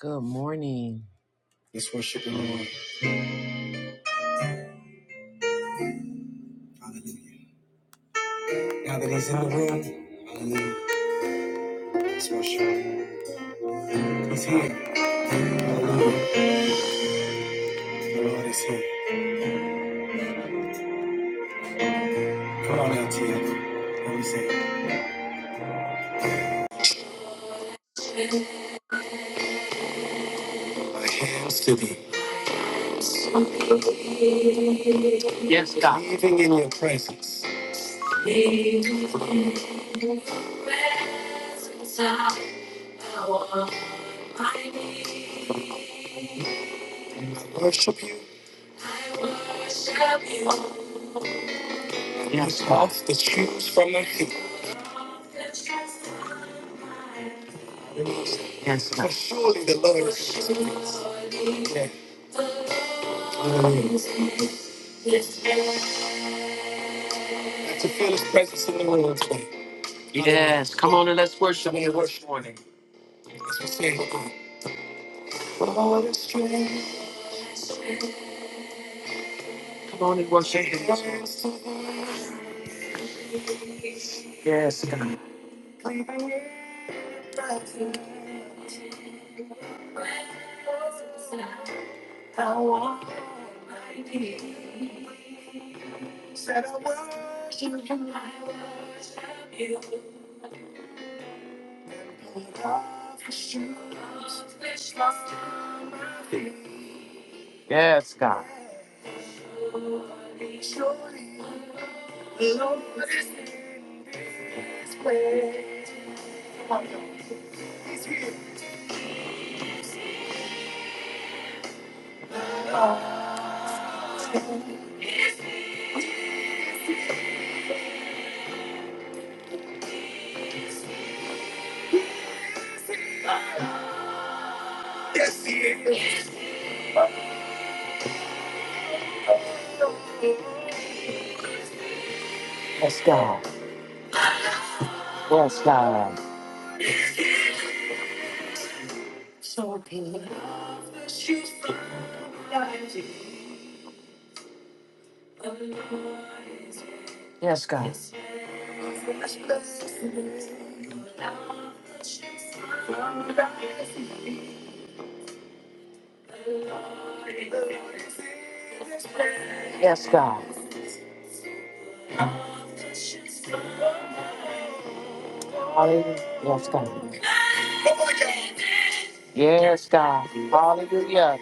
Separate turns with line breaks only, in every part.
Good morning. Let's worship the Lord. Hallelujah. Now that He's in the room, hallelujah. Let's worship. He's here. Hallelujah. The Lord is here. Come on, out to LTF. Let me say, it. My hands to thee. Yes, God. Living in your presence. Living in your presence, I want my need. I worship you. I worship you. Yes, God. To choose from the heap. Yes, God. For surely the Lord is his grace. Yeah. Hallelujah. And To feel his presence in the room today. Yes, come on and let's worship and worship morning. As we sing. Lord is strength. Come on and worship him. this morning. Yes, God. I want my knees. Said I worship you. I worship you. With all the shoes. Which lost my feet. Yes, God. Lord, be surely, Lord, this is place. Come on, y'all. He's here. I don't know. Yes, God. Yes, God. So good. Yes, God. Yes, God. Hallelujah. Yes, God. Yes, God. Hallelujah.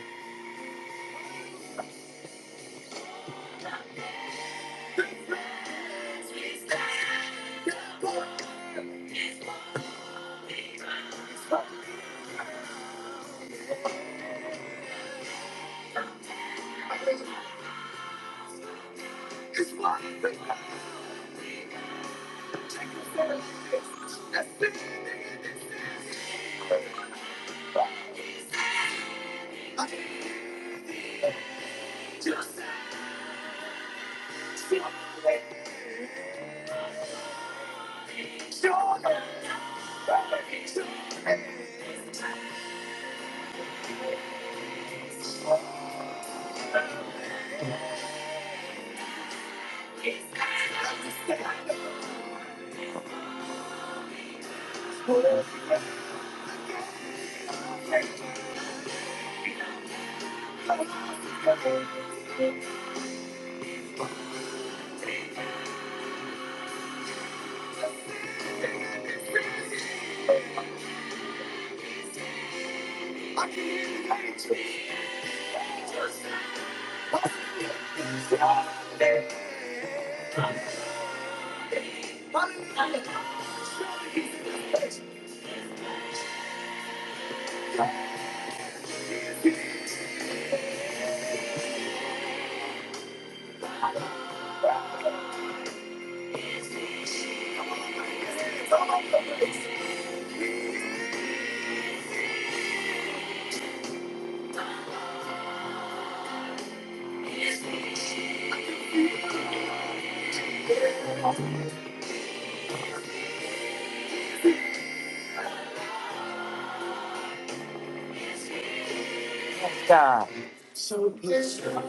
Yes, God.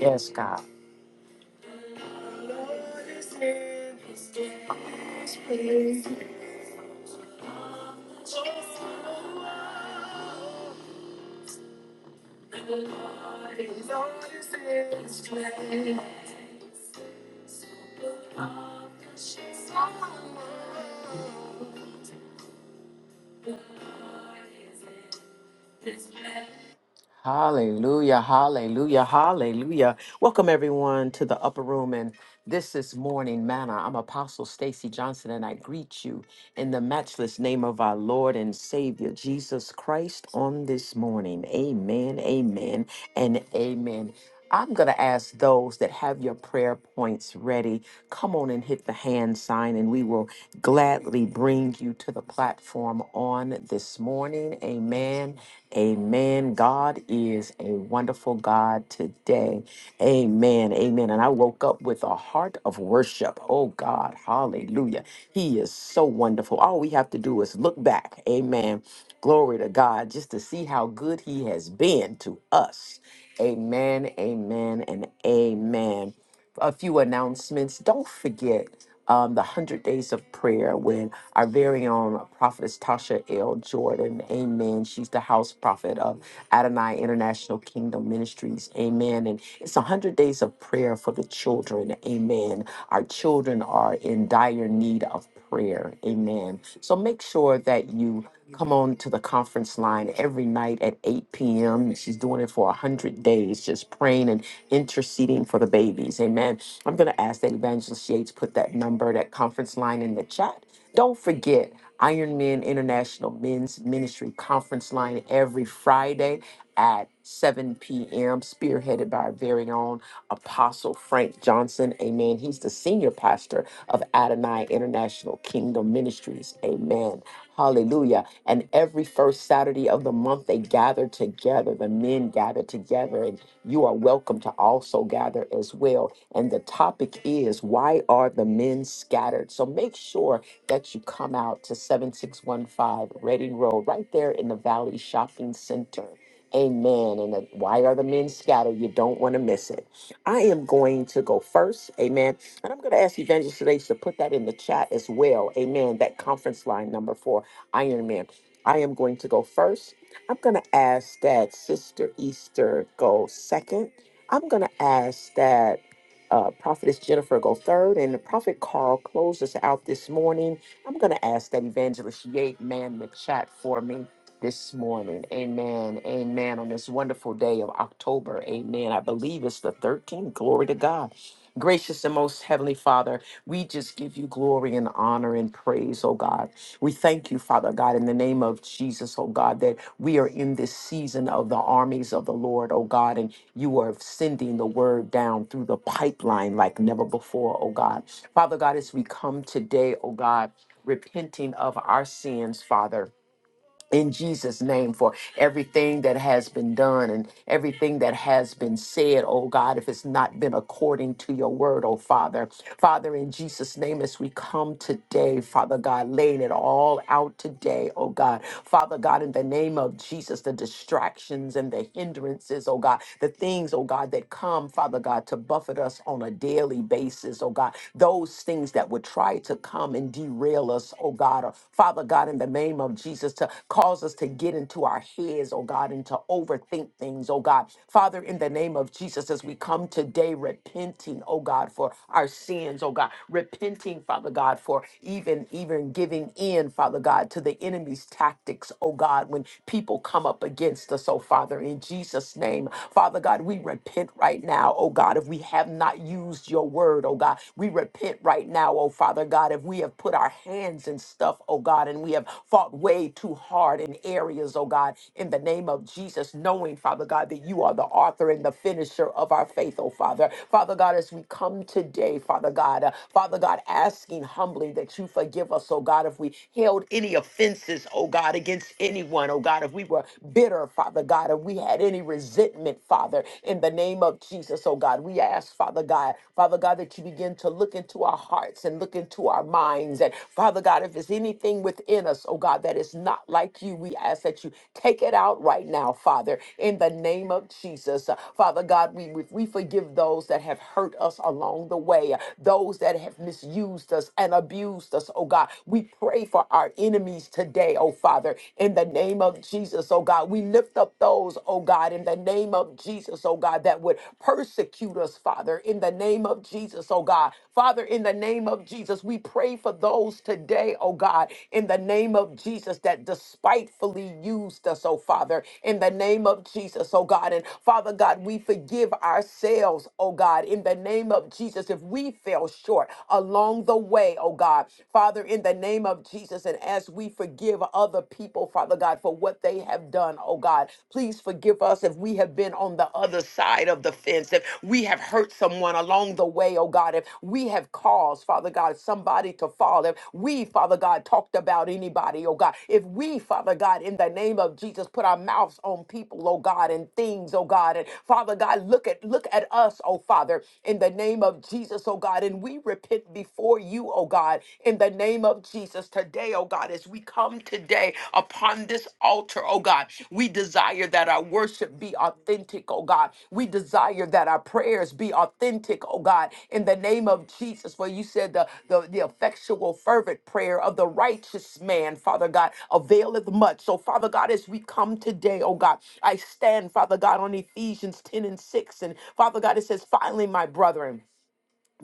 Yes, God. Lord is in this place. The Lord is always in this place. So put off your shoes on. The Lord is in his place. Hallelujah, hallelujah, hallelujah. Welcome everyone to the upper room and this is morning manna. I'm Apostle Stacy Johnson and I greet you in the matchless name of our Lord and Savior Jesus Christ on this morning. Amen, amen, and amen. I'm going to ask those that have your prayer points ready, come on and hit the hand sign, and we will gladly bring you to the platform on this morning. Amen. Amen. God is a wonderful God today. Amen. Amen. And I woke up with a heart of worship. Oh, God. Hallelujah. He is so wonderful. All we have to do is look back. Amen. Glory to God, just to see how good He has been to us. Amen, amen, and amen. A few announcements. Don't forget um, the 100 Days of Prayer when our very own prophetess Tasha L. Jordan, amen. She's the house prophet of Adonai International Kingdom Ministries, amen. And it's 100 Days of Prayer for the children, amen. Our children are in dire need of prayer. Amen. So make sure that you come on to the conference line every night at 8 p.m. She's doing it for 100 days, just praying and interceding for the babies. Amen. I'm going to ask that Evangelist Yates put that number, that conference line in the chat. Don't forget Iron Men International Men's Ministry Conference Line every Friday at 7 p.m., spearheaded by our very own Apostle Frank Johnson. Amen. He's the senior pastor of Adonai International Kingdom Ministries. Amen. Hallelujah. And every first Saturday of the month, they gather together. The men gather together, and you are welcome to also gather as well. And the topic is why are the men scattered? So make sure that you come out to 7615 Reading Road, right there in the Valley Shopping Center. Amen. And the- why are the men scattered? You don't want to miss it. I am going to go first. Amen. And I'm going to ask Evangelist today to put that in the chat as well. Amen. That conference line number four. Iron Man. I am going to go first. I'm going to ask that Sister Easter go second. I'm going to ask that uh, Prophetess Jennifer go third, and the Prophet Carl close us out this morning. I'm going to ask that Evangelist Yate man the chat for me this morning. Amen. Amen. On this wonderful day of October. Amen. I believe it's the 13th. Glory to God. Gracious and most heavenly Father, we just give you glory and honor and praise, oh God. We thank you, Father God, in the name of Jesus, oh God, that we are in this season of the armies of the Lord, oh God, and you are sending the word down through the pipeline like never before, oh God. Father God, as we come today, oh God, repenting of our sins, Father in Jesus' name for everything that has been done and everything that has been said, oh God, if it's not been according to your word, oh Father. Father, in Jesus' name, as we come today, Father God, laying it all out today, oh God. Father God, in the name of Jesus, the distractions and the hindrances, oh God, the things, oh God, that come, Father God, to buffet us on a daily basis, oh God, those things that would try to come and derail fail us, oh God. Uh, Father God, in the name of Jesus, to cause us to get into our heads, oh God, and to overthink things, oh God. Father, in the name of Jesus, as we come today repenting, oh God, for our sins, oh God, repenting, Father God, for even even giving in, Father God, to the enemy's tactics, oh God, when people come up against us, oh Father, in Jesus' name. Father God, we repent right now, oh God, if we have not used your word, oh God God. We repent right now, oh Father God, if we have put our hands in stuff, oh God, and we have fought way too hard in areas, oh God, in the name of Jesus, knowing, Father God, that you are the author and the finisher of our faith, oh Father. Father God, as we come today, Father God, uh, Father God, asking humbly that you forgive us, oh God, if we held any offenses, oh God, against anyone, oh God, if we were bitter, Father God, if we had any resentment, Father, in the name of of Jesus, oh God. We ask, Father God, Father God, that you begin to look into our hearts and look into our minds. And Father God, if there's anything within us, oh God, that is not like you, we ask that you take it out right now, Father, in the name of Jesus. Uh, Father God, we, we, we forgive those that have hurt us along the way, uh, those that have misused us and abused us, oh God. We pray for our enemies today, oh Father, in the name of Jesus, oh God. We lift up up those, oh God, in the name of Jesus, oh God, that would persecute us, Father, in the name of Jesus, oh God. Father, in the name of Jesus, we pray for those today, oh God, in the name of Jesus, that despitefully used us, oh Father, in the name of Jesus, oh God. And Father God, we forgive ourselves, oh God, in the name of Jesus, if we fell short along the way, oh God. Father, in the name of Jesus, and as we forgive, forgive other people, Father God, for what they have done, oh God. Please forgive us if we have been on the other side of the fence, if we have hurt someone along the way, oh God, if we have caused, Father God, somebody to fall, if we, Father God, talked about anybody, oh God, if we, Father God, in the name of Jesus, put our mouths on people, oh God, and things, oh God, and Father God, look at look at us, oh Father, in the name of Jesus, oh God, and we repent before you, oh God. God, in the name of Jesus today, oh God, as we come today upon this altar, oh God, we desire that our worship be authentic, oh God. We desire that our prayers be authentic, oh God, in the name of Jesus. For you said the, the, the effectual, fervent prayer of the righteous man, Father God, availeth much. So, Father God, as we come today, oh God, I stand, Father God, on Ephesians 10 and 6. And Father God, it says, finally, my brethren.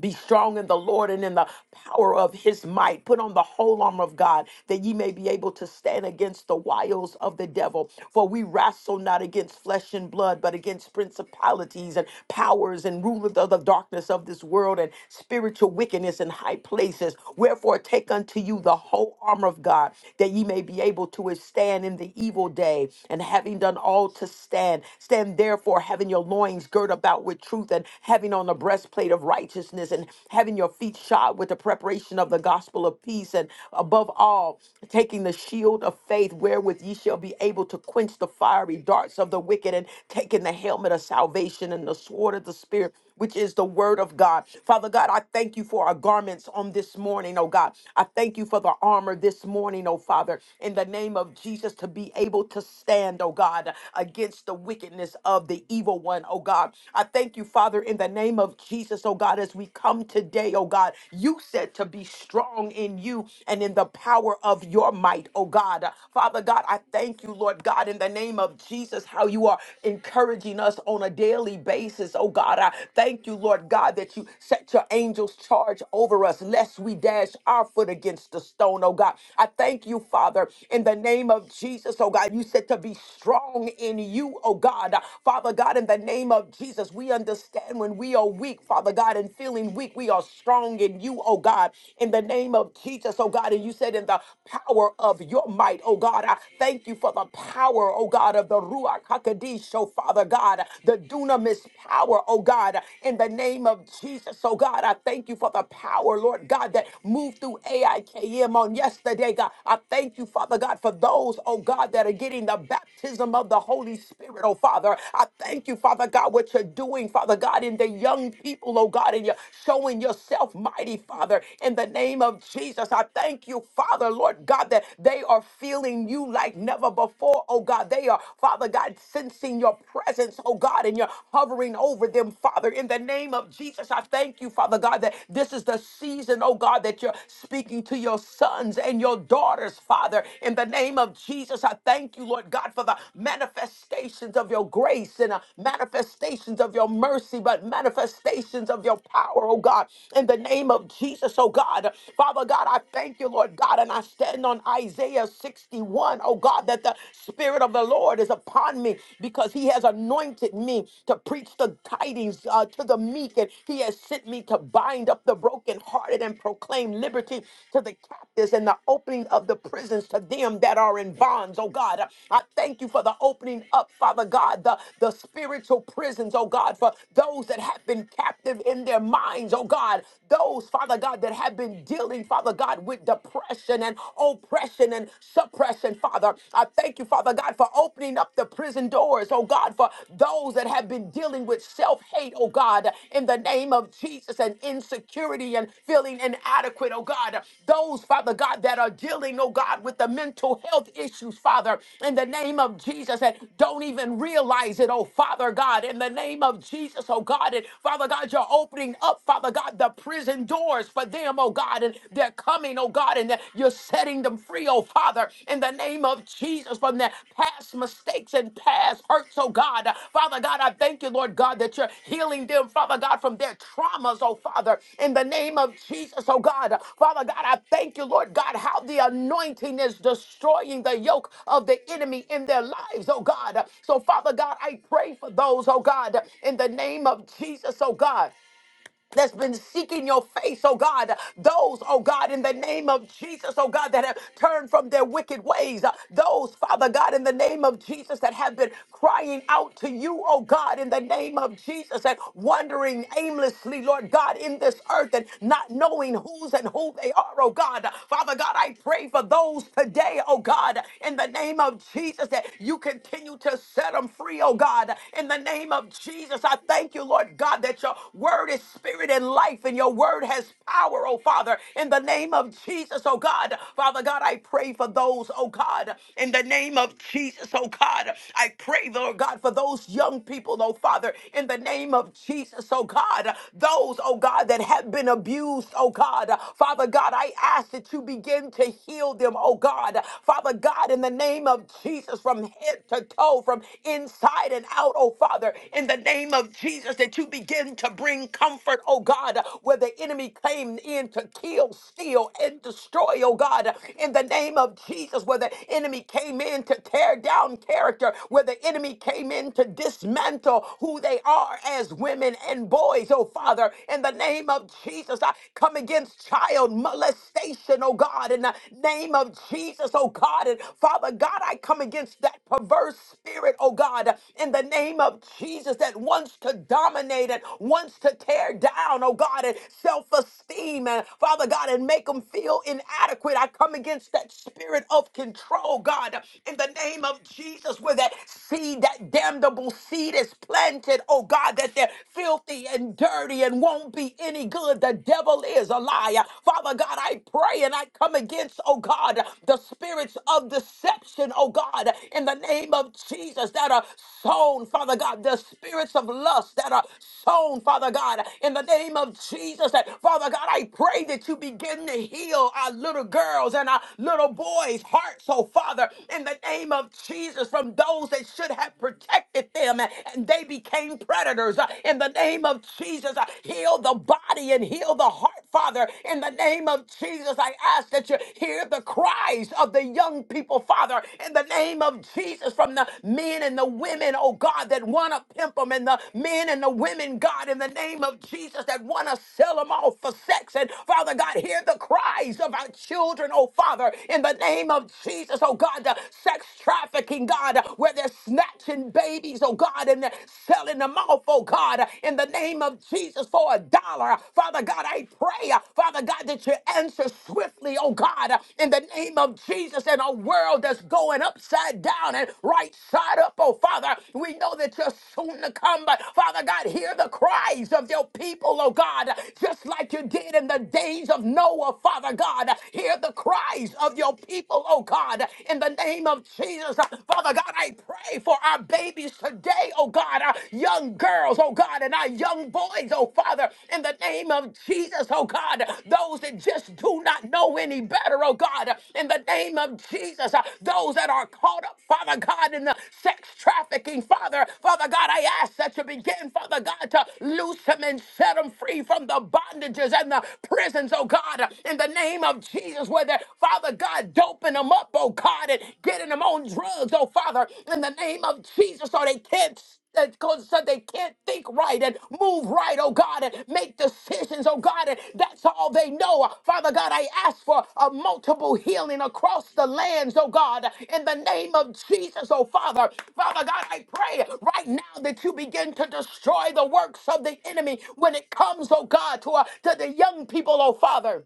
Be strong in the Lord and in the power of his might. Put on the whole armor of God that ye may be able to stand against the wiles of the devil. For we wrestle not against flesh and blood, but against principalities and powers and rulers of the darkness of this world and spiritual wickedness in high places. Wherefore, take unto you the whole armor of God that ye may be able to withstand in the evil day. And having done all to stand, stand therefore, having your loins girt about with truth and having on the breastplate of righteousness righteousness and having your feet shod with the preparation of the gospel of peace and above all taking the shield of faith wherewith ye shall be able to quench the fiery darts of the wicked and taking the helmet of salvation and the sword of the spirit which is the word of God. Father God, I thank you for our garments on this morning, oh God. I thank you for the armor this morning, oh Father, in the name of Jesus to be able to stand, oh God, against the wickedness of the evil one, oh God. I thank you, Father, in the name of Jesus, oh God, as we as we come today, oh God, you said to be strong in you and in the power of your might, oh God. Father God, I thank you, Lord God, in the name of Jesus, how you are encouraging us on a daily basis, oh God. I thank you, Lord God, that you set your angels charge over us, lest we dash our foot against the stone, oh God. I thank you, Father, in the name of Jesus, oh God. You said to be strong in you, oh God. Father God, in the name of Jesus, we understand when we are weak, Father God, and and feeling weak, we are strong in you, oh God, in the name of Jesus, oh God. And you said, in the power of your might, oh God, I thank you for the power, oh God, of the Ruach hakodesh, oh Father God, the dunamis power, oh God, in the name of Jesus, oh God. I thank you for the power, Lord God, that moved through AIKM on yesterday, God. I thank you, Father God, for those, oh God, that are getting the baptism of the Holy Spirit, oh Father. I thank you, Father God, what you're doing, Father God, in the young people, oh God. God, and you're showing yourself mighty, Father, in the name of Jesus. I thank you, Father, Lord God, that they are feeling you like never before, oh God. They are, Father God, sensing your presence, oh God, and you're hovering over them, Father, in the name of Jesus. I thank you, Father God, that this is the season, oh God, that you're speaking to your sons and your daughters, Father, in the name of Jesus. I thank you, Lord God, for the manifestations of your grace and uh, manifestations of your mercy, but manifestations of your your power, oh God, in the name of Jesus, oh God. Father God, I thank you, Lord God, and I stand on Isaiah 61, O God, that the Spirit of the Lord is upon me because He has anointed me to preach the tidings uh, to the meek, and He has sent me to bind up the brokenhearted and proclaim liberty to the captives and the opening of the prisons to them that are in bonds, oh God. I thank you for the opening up, Father God, the, the spiritual prisons, oh God, for those that have been captive in in their minds, oh God. Those, Father God, that have been dealing, Father God, with depression and oppression and suppression, Father. I thank you, Father God, for opening up the prison doors, oh God, for those that have been dealing with self hate, oh God, in the name of Jesus, and insecurity and feeling inadequate, oh God. Those, Father God, that are dealing, oh God, with the mental health issues, Father, in the name of Jesus, and don't even realize it, oh Father God, in the name of Jesus, oh God, and Father God, you're opening up, Father God, the prison doors for them, oh God, and they're coming, oh God, and that you're setting them free, oh Father, in the name of Jesus from their past mistakes and past hurts, oh God. Father God, I thank you, Lord God, that you're healing them, Father God, from their traumas, oh Father, in the name of Jesus, oh God. Father God, I thank you, Lord God, how the anointing is destroying the yoke of the enemy in their lives, oh God. So, Father God, I pray for those, oh God, in the name of Jesus, oh God that's been seeking your face, oh God. Those, oh God, in the name of Jesus, oh God, that have turned from their wicked ways. Uh, Those, Father God, in the name of Jesus, that have been crying out to you, oh God, in the name of Jesus, and wandering aimlessly, Lord God, in this earth and not knowing whose and who they are, oh God. Father God, I pray for those today, oh God, in the name of Jesus, that you continue to set them free, oh God, in the name of Jesus, I thank you, Lord God, that your word is spirit and life, and your word has power, oh Father, in the name of Jesus, oh God. Father God, I pray for those, oh God, in the name of Jesus, oh God. I pray, Lord God, for those young people, oh Father, in the name of Jesus, oh God. Those, oh God, that have been abused, oh God. Father God, I ask that you begin to heal them, oh God. Father God, in the name of Jesus, from head to go from inside and out, oh Father, in the name of Jesus, that you begin to bring comfort, oh God, where the enemy came in to kill, steal, and destroy, oh God, in the name of Jesus, where the enemy came in to tear down character, where the enemy came in to dismantle who they are as women and boys, oh Father, in the name of Jesus, I come against child molestation, oh God, in the name of Jesus. Jesus, oh God. And Father God, I come against that perverse spirit, oh God, in the name of Jesus that wants to dominate and wants to tear down, oh God, and self esteem. And Father God, and make them feel inadequate. I come against that spirit of control, God, in the name of Jesus, where that seed, that damnable seed is planted, oh God, that they're filthy and dirty and won't be any good. The devil is a liar. Father Lord God, I pray and I come against, oh God, the spirits of deception, oh God, in the name of Jesus that are sown, Father God, the spirits of lust that are sown, Father God, in the name of Jesus. That Father God, I pray that you begin to heal our little girls and our little boys' hearts, oh Father, in the name of Jesus, from those that should have protected them and they became predators. Uh, In the name of Jesus, uh, heal heal the body and heal the heart, Father. In the name of Jesus, I ask that you hear the cries of the young people, Father. In the name of Jesus, from the men and the women, oh God, that want to pimp them, and the men and the women, God, in the name of Jesus, that want to sell them off for sex. And Father God, hear the cries of our children, oh Father, in the name of Jesus, oh God, the sex trafficking, God, where they're snatching babies, oh God, and they're selling fell in the mouth, oh God, in the name of Jesus for a dollar. Father God, I pray, Father God, that you answer swiftly, oh God, in the name of Jesus in a world that's going upside down and right side up, oh Father. We know that you're soon to come, but Father God, hear the cries of your people, oh God, just like you did in the days of Noah, Father God. Hear the cries of your people, oh God, in the name of Jesus. Father God, God, I pray for our babies today, oh God, our young girls, oh God, and our young boys, oh Father, in the name of Jesus, oh God, those that just do not know any better, oh God, in the name of Jesus, uh, those that are caught up, Father God, in the sex trafficking, Father, Father God, I ask that you begin, Father God, to loose them and set them free from the bondages and the prisons, oh God, in the name of Jesus, where they're, Father God, doped doping them up, oh God, and getting them on drugs, oh Father, in the name of Jesus, so they can't that cause so they can't think right and move right, oh God, and make decisions, oh God, and that's all they know. Father God, I ask for a multiple healing across the lands, oh God, in the name of Jesus, oh Father. Father God, I pray right now that you begin to destroy the works of the enemy when it comes, oh God, to, uh, to the young people, oh Father.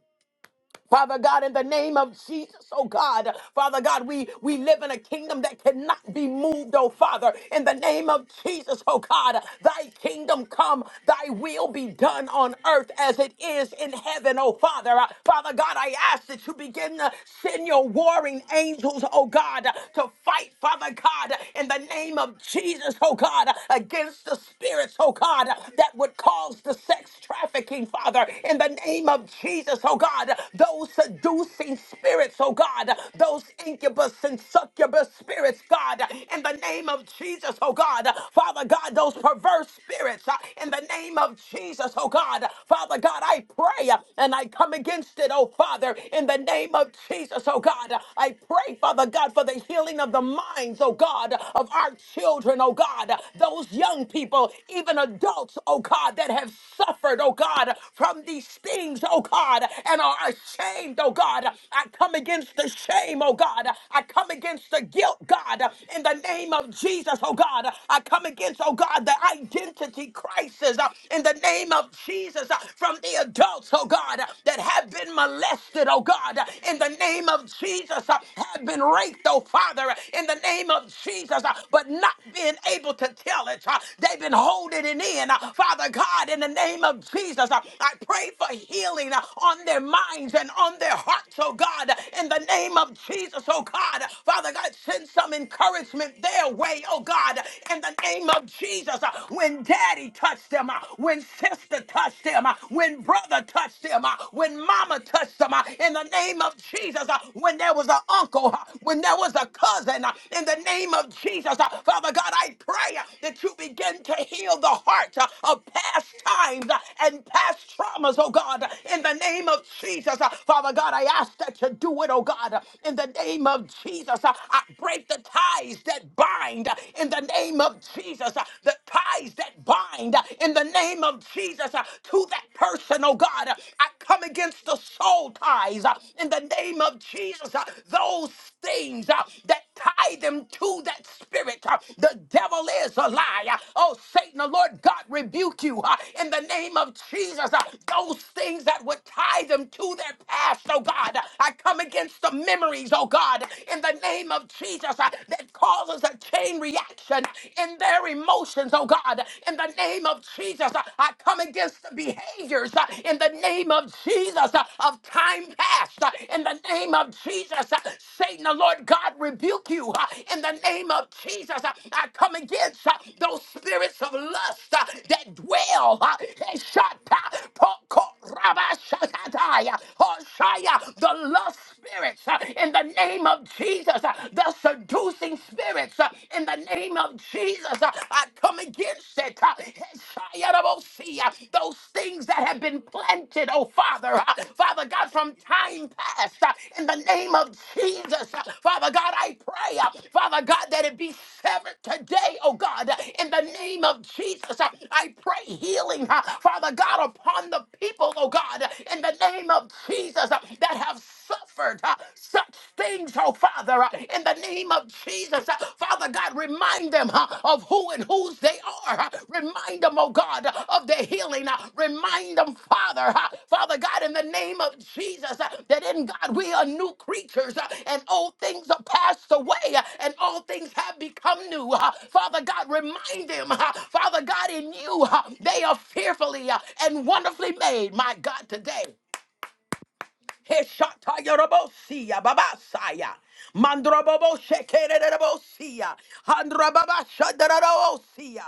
Father God, in the name of Jesus, oh God, Father God, we, we live in a kingdom that cannot be moved, oh Father. In the name of Jesus, oh God, thy kingdom come, thy will be done on earth as it is in heaven, oh Father. Uh, Father God, I ask that you begin to send your warring angels, oh God, to fight, Father God, in the name of Jesus, oh God, against the spirits, oh God, that would cause the sex trafficking, Father, in the name of Jesus, oh God, those seducing spirits, oh God, those incubus and succubus spirits, God, in the name of Jesus, oh God, Father God, those perverse spirits, uh, in the name of Jesus, oh God, Father God, I pray uh, and I come against it, oh Father, in the name of Jesus, oh God, I pray, Father God, for the healing of the minds, oh God, of our children, oh God, those young people, even adults, oh God, that have suffered, oh God, from these things, oh God, and are ashamed, oh God. I come against the shame, oh God. I come against the guilt, God, in the name of Jesus, oh God. I come against, oh God, the identity crisis uh, in the name of Jesus uh, from the adults, oh God, that have been molested, oh God, in the name of Jesus, uh, have been raped, oh Father, in the name of Jesus, uh, but not being able to tell it. uh, They've been holding it in. uh, Father God, in the name of Jesus, uh, I pray for healing uh, on their minds minds and on their hearts, oh God, in the name of Jesus, oh God. Father God, send some encouragement their way, oh God, in the name of Jesus. When daddy touched them, when sister touched them, when brother touched them, when mama touched them, in the name of Jesus, when there was an uncle, when there was a cousin, in the name of Jesus, Father God, I pray that you begin to heal the heart of past times and past traumas, oh God, in the name of Jesus. Jesus. Uh, Father God, I ask that you do it, oh God, uh, in the name of Jesus. Uh, I break the ties that bind uh, in the name of Jesus. Uh, The ties that bind uh, in the name of Jesus uh, to that person, oh God. Uh, I come against the soul ties uh, in the name of Jesus. Uh, Those things uh, that tie them to that spirit. uh, The devil is a liar. Oh, Satan, the Lord God rebuke you uh, in the name of Jesus. uh, Those things that would tie them to their past, oh God, I come against the memories, oh God, in the name of Jesus uh, that causes a chain reaction in their emotions, oh God, in the name of Jesus. uh, I come against the behaviors uh, in the name name of Jesus, uh, of time past, uh, in the name of Jesus, uh, Satan, the Lord God, rebuke you. uh, In the name of Jesus, uh, I come against uh, those spirits of lust uh, that dwell. uh, eh, shata, po- ko- raba, shakataya, hoshaya, The lust spirits uh, in the name of Jesus, uh, the seducing spirits uh, in the name of Jesus. uh, I come against against it. uh, Shayarabosia, Those things that have been planted, oh Father, uh, Father God, from time past, uh, in the name of Jesus, uh, Father God, I pray, uh, Father God, that it be severed today, oh God, uh, in the name of Jesus. uh, I pray healing, uh, Father God, upon the people, oh God, uh, in the name of Jesus, uh, that have suffered uh, such things, oh Father, uh, in the name of Jesus. Uh, Father God, remind them uh, of who and whose they are. Uh, Remind them, oh God, uh, of their healing. Uh, Remind them, Father, uh, Father God, in the name of Jesus, uh, that in God we are new creatures uh, and old things are passed away uh, and all things have become new. Uh, Father God, remind them, uh, Father God, in you uh, they are fearfully uh, and wonderfully made, my God, today. Heshatayarobosia babasaya. Mandrobobo shekerebosia. Handrobaba shadarabosia.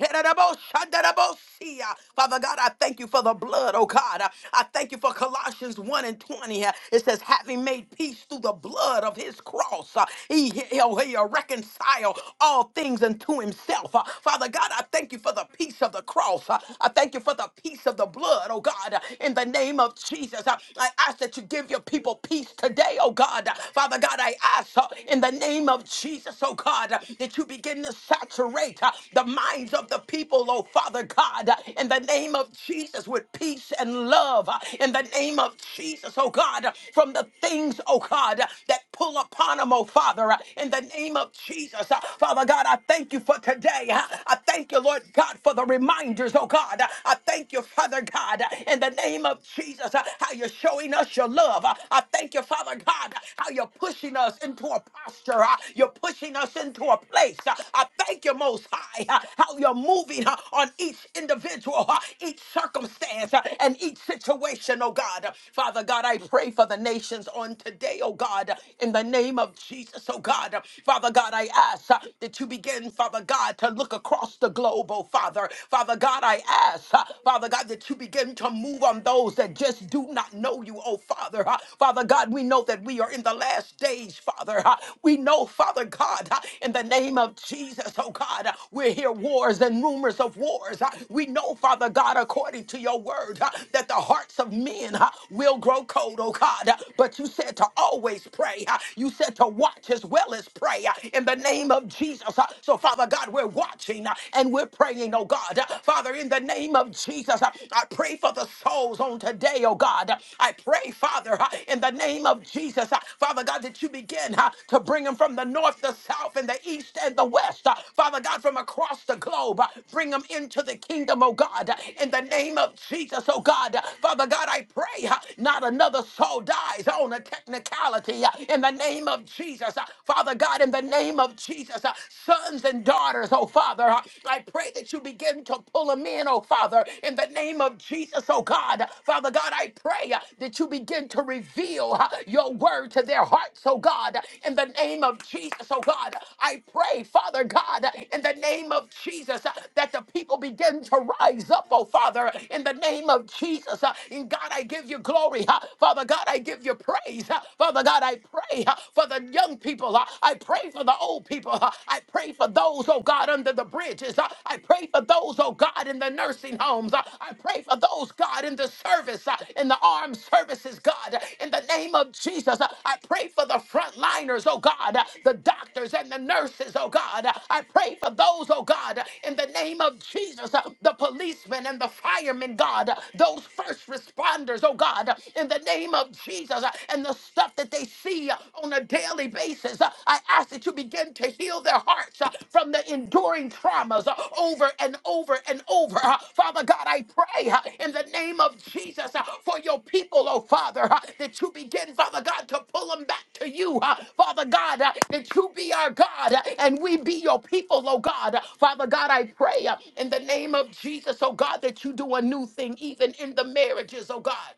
Hereraboshandarabosia. Father God, I thank you for the blood, oh God. I thank you for Colossians 1 and 20. It says, having made peace through the blood of his cross, uh, he, he'll, he'll reconcile all things unto himself. Uh, Father God, I thank you for the peace of the cross. Uh, I thank you for the peace of the blood, oh God, uh, in in the name of Jesus. Uh, I ask that you give your people peace today, oh God. Uh, Father God, I ask uh, in the name of Jesus, oh God, uh, that you begin to saturate uh, the minds of the people, oh Father God, uh, in the name of Jesus with peace and love, uh, in the name of Jesus, oh God, uh, from the things, oh God, uh, that pull upon them, oh Father, uh, in the name of Jesus. Uh, Father God, I thank you for today. uh, I thank you, Lord God, for the reminders, oh God. Uh, I I thank you, Father God, in the name of Jesus, uh, how you're showing us your love. Uh, I thank you, Father God, how you're pushing us into a posture. uh, You're pushing us into a place. Uh, I thank you, Most High, uh, how you're moving uh, on each individual, uh, each circumstance, uh, and each situation, oh God. Father God, I pray for the nations on today, oh God, in the name of Jesus, oh God. Father God, I ask uh, that you begin, Father God, to look across the globe, oh Father. Father God, I ask, uh, Father God, that you begin to move on those that just do not know you, oh Father. Uh, Father God, we know that we are in the last days, Father. Uh, We know, Father God, uh, in the name of Jesus, oh God, uh, we hear wars and rumors of wars. Uh, We know, Father God, according to your word, uh, that the hearts of men uh, will grow cold, oh God. Uh, But you said to always pray. Uh, You said to watch as well as pray uh, in the name of Jesus. Uh, So, Father, Father God, we're watching uh, and we're praying, oh God. Uh, Father, in the name of Jesus, uh, I pray for the souls on today, oh God. Uh, I pray, Father, uh, in the name of Jesus, uh, Father God, that you begin uh, to bring them from the north, the south, and the east and the west. Uh, Father God, from across the globe, uh, bring them into the kingdom, oh God. Uh, In the name of Jesus, oh God. Uh, Father God, I pray uh, not another soul dies on a technicality. Uh, In the name of Jesus, uh, Father God, in the name name of Jesus. Uh, Sons and daughters, oh Father, uh, I pray that you begin to pull them in, oh Father, in the name of Jesus, oh God. Father God, I pray uh, that you begin to reveal uh, your word to their hearts, oh God, in the name of Jesus, oh God. I pray, Father God, in the name of Jesus, uh, that the people begin to rise up, oh Father, in the name of Jesus. Uh, And God, I give you glory. uh, Father God, I give you praise. uh, Father God, I pray. uh, uh, for the young people. uh, I pray for the old people. uh, I pray for those, oh God, under the bridges. uh, I pray for those, oh God, in the nursing homes. uh, I pray for those, God, in the service, uh, in the armed services, God, uh, in the name of Jesus. uh, I pray for the frontliners, oh God, uh, the doctors and the nurses, oh God. uh, I pray for those, oh God, uh, in the name of Jesus, uh, the policemen and the firemen, God, uh, those first responders, oh God, uh, in the name of Jesus. Uh, uh, and the stuff that they see uh, on a daily basis. Uh, I ask that you begin to heal their hearts uh, from the enduring traumas uh, over and over and over. Uh, Father God, I pray uh, in the name of Jesus uh, for your people, oh Father, uh, that you begin, Father God, to pull them back to you. uh, Father God, uh, that you be our God uh, and we be your people, oh God. Uh, Father God, I pray uh, in the name of Jesus, oh God, that you do a new thing even in the marriages, oh God.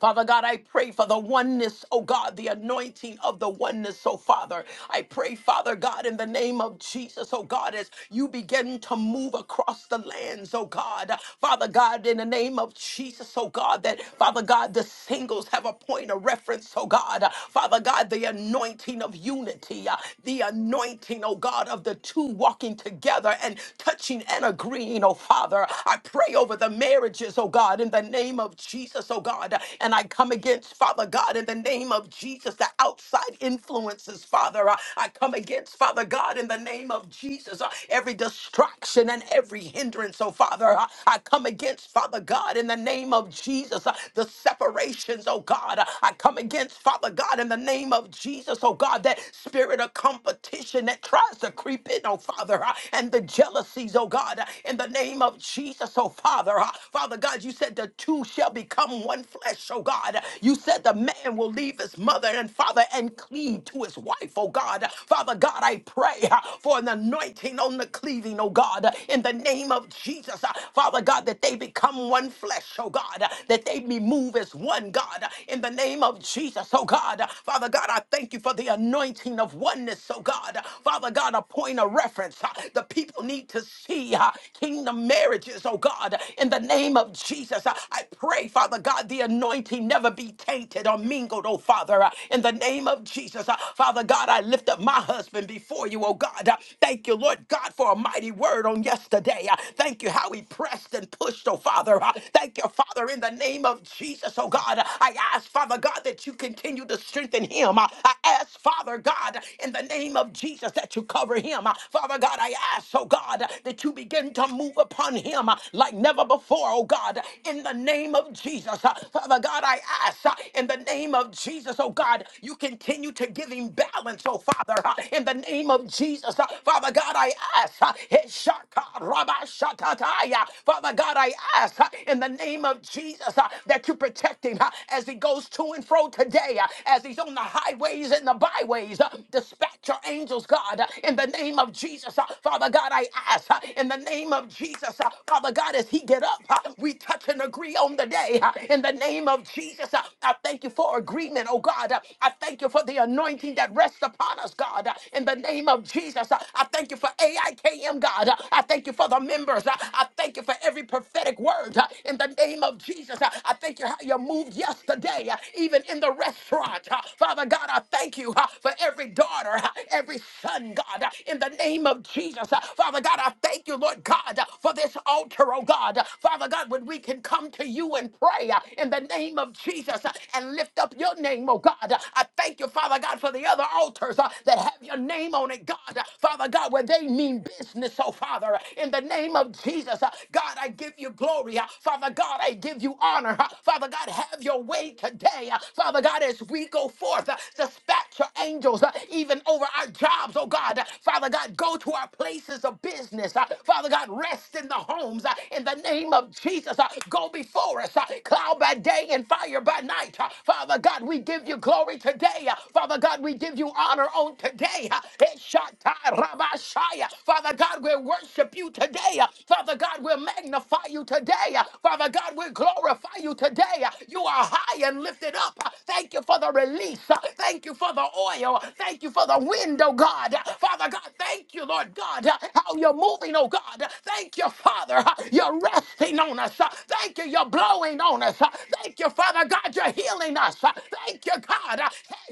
Father God, I pray for the oneness, oh God, the anointing of the oneness, oh Father. I pray, Father God, in the name of Jesus, oh God, as you begin to move across the lands, oh God. Father God, in the name of Jesus, oh God, that Father God, the singles have a point of reference, oh God. Father God, the anointing of unity, uh, the anointing, oh God, of the two walking together and touching and agreeing, oh Father. I pray over the marriages, oh God, in the name of Jesus, oh God. And I come against, Father God, in the name of Jesus, the outside influences, Father. Uh, I come against, Father God, in the name of Jesus, uh, every distraction and every hindrance, oh Father. Uh, I come against, Father God, in the name of Jesus, uh, the separations, oh God. Uh, I come against, Father God, in the name of Jesus, oh God, that spirit of competition that tries to creep in, oh Father, uh, and the jealousies, oh God, uh, in the name of Jesus, oh Father. uh, Father God, because you said the two shall become one flesh, oh God. You said the man will leave his mother and father and cleave to his wife, oh God. Father God, I pray uh, for an anointing on the cleaving, oh God, uh, in the name of Jesus. Uh, Father God, that they become one flesh, oh God, uh, that they be moved as one, God, uh, in the name of Jesus, oh God. Uh, Father God, I thank you for the anointing of oneness, oh God. Uh, Father God, a point of reference. uh, The people need to see uh, kingdom marriages, oh God, God, in the name of Jesus, uh, I pray, Father God, the anointing never be tainted or mingled, oh Father, uh, in the name of Jesus. Uh, Father God, I lift up my husband before you, oh God. Uh, Thank you, Lord God, for a mighty word on yesterday. Uh, Thank you how he pressed and pushed, oh Father. Uh, Thank you, Father, in the name of Jesus, oh God. Uh, I ask, Father God, that you continue to strengthen him. Uh, I ask, Father God, in the name of Jesus, that you cover him. Uh, Father God, I ask, oh God, that you begin to move upon him uh, like never before, oh God, in the name of Jesus. Uh, Father God, I ask uh, in the name of Jesus, oh God, you continue to give him balance, oh Father, uh, in the name of Jesus. Uh, Father God, I ask, uh, Hishaka Rabba Shakataya. Father God, I ask uh, in the name of Jesus uh, that you protect him uh, as he goes to and fro today, uh, as he's on the highways and the byways. uh, Dispatch your angels, God, uh, in the name of Jesus. Uh, Father God, I ask. uh, in the name of Jesus. Uh, Father God, as he get up, uh, we touch and agree on the day uh, in the name of Jesus. Uh, I thank you for agreement, oh God. Uh, I thank you for the anointing that rests upon us, God, uh, in the name of Jesus. Uh, I thank you for AIKM, God. Uh, I thank you for the members. Uh, I thank you for every prophetic word uh, in the name of Jesus. Uh, I thank you how you moved yesterday, uh, even in the restaurant. Uh, Father God, I thank you uh, for every daughter, uh, every son, God, uh, in the name of Jesus. Jesus. Uh, Father God, I thank you, Lord God, uh, for this altar, oh God. Uh, Father God, when we can come to you and pray uh, in the name of Jesus uh, and lift up your name, oh God. Uh, I thank you, Father God, for the other altars uh, that have your name on it, God. Uh, Father God, when they mean business, oh Father, uh, in the name of Jesus, uh, God, I give you glory. uh, Father God, I give you honor. uh, Father God, have your way today. uh, Father God, as we go forth, uh, dispatch your angels uh, even over our jobs, oh God. Uh, Father God, go to our places of business. Uh, Father God, rest in the homes uh, in the name of Jesus. Uh, Go before us, uh, cloud by day and fire by night. Uh, Father God, we give you glory today. Uh, Father God, we give you honor on today. Uh, Eshatai Rabashaya. Father God, we worship you today. Uh, Father God, we magnify you today. Uh, Father God, we glorify you today. Uh, You are high and lifted up. Uh, Thank you for the release. Uh, Thank you for the oil. Uh, Thank you for the window oh God. Father God, thank you, Lord God, how you're moving, oh God. Thank you, Father. You're resting on us. Thank you, you're blowing on us. Thank you, Father God, you're healing us. Thank you, God.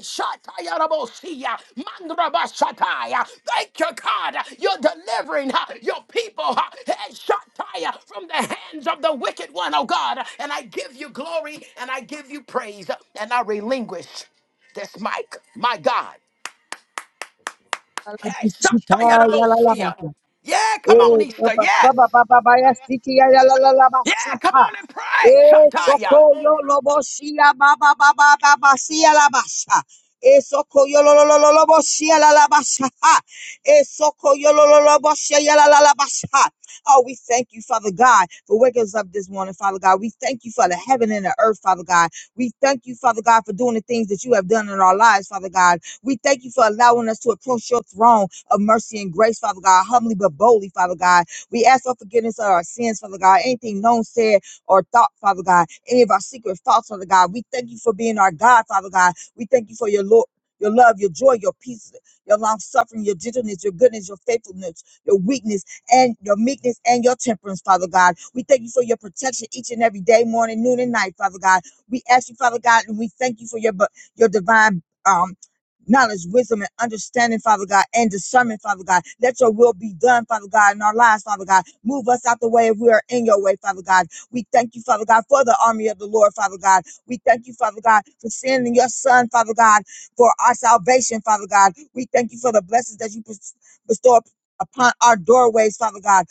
Shatayarabosia, mandrabashataya. Thank you, God, you're delivering your people. Shataya, From the hands of the wicked one, oh God. And I give you glory and I give you praise and I relinquish this mic, my God. Hey, Shatayarabosia. Yeah, come on,
Eh,
Easter. Yes. Yeah, come on and pray.
Eh,
Shataya.
si, Eh, Eh, Oh, we thank you, Father God, for waking us up this morning, Father God. We thank you for the heaven and the earth, Father God. We thank you, Father God, for doing the things that you have done in our lives, Father God. We thank you for allowing us to approach your throne of mercy and grace, Father God, humbly but boldly, Father God. We ask for forgiveness of our sins, Father God, anything known, said, or thought, Father God, any of our secret thoughts, Father God. We thank you for being our God, Father God. We thank you for your Lord. Your love, your joy, your peace, your long suffering, your gentleness, your goodness, your faithfulness, your weakness, and your meekness and your temperance, Father God. We thank you for your protection each and every day, morning, noon, and night, Father God. We ask you, Father God, and we thank you for your bu- your divine. um, knowledge, wisdom, and understanding, Father God, and discernment, Father God. Let your will be done, Father God, in our lives, Father God. Move us out the way if we are in your way, Father God. We thank you, Father God, for the army of the Lord, Father God. We thank you, Father God, for sending your Son, Father God, for our salvation, Father God. We thank you for the blessings that you bes- bestow upon our doorways, Father God.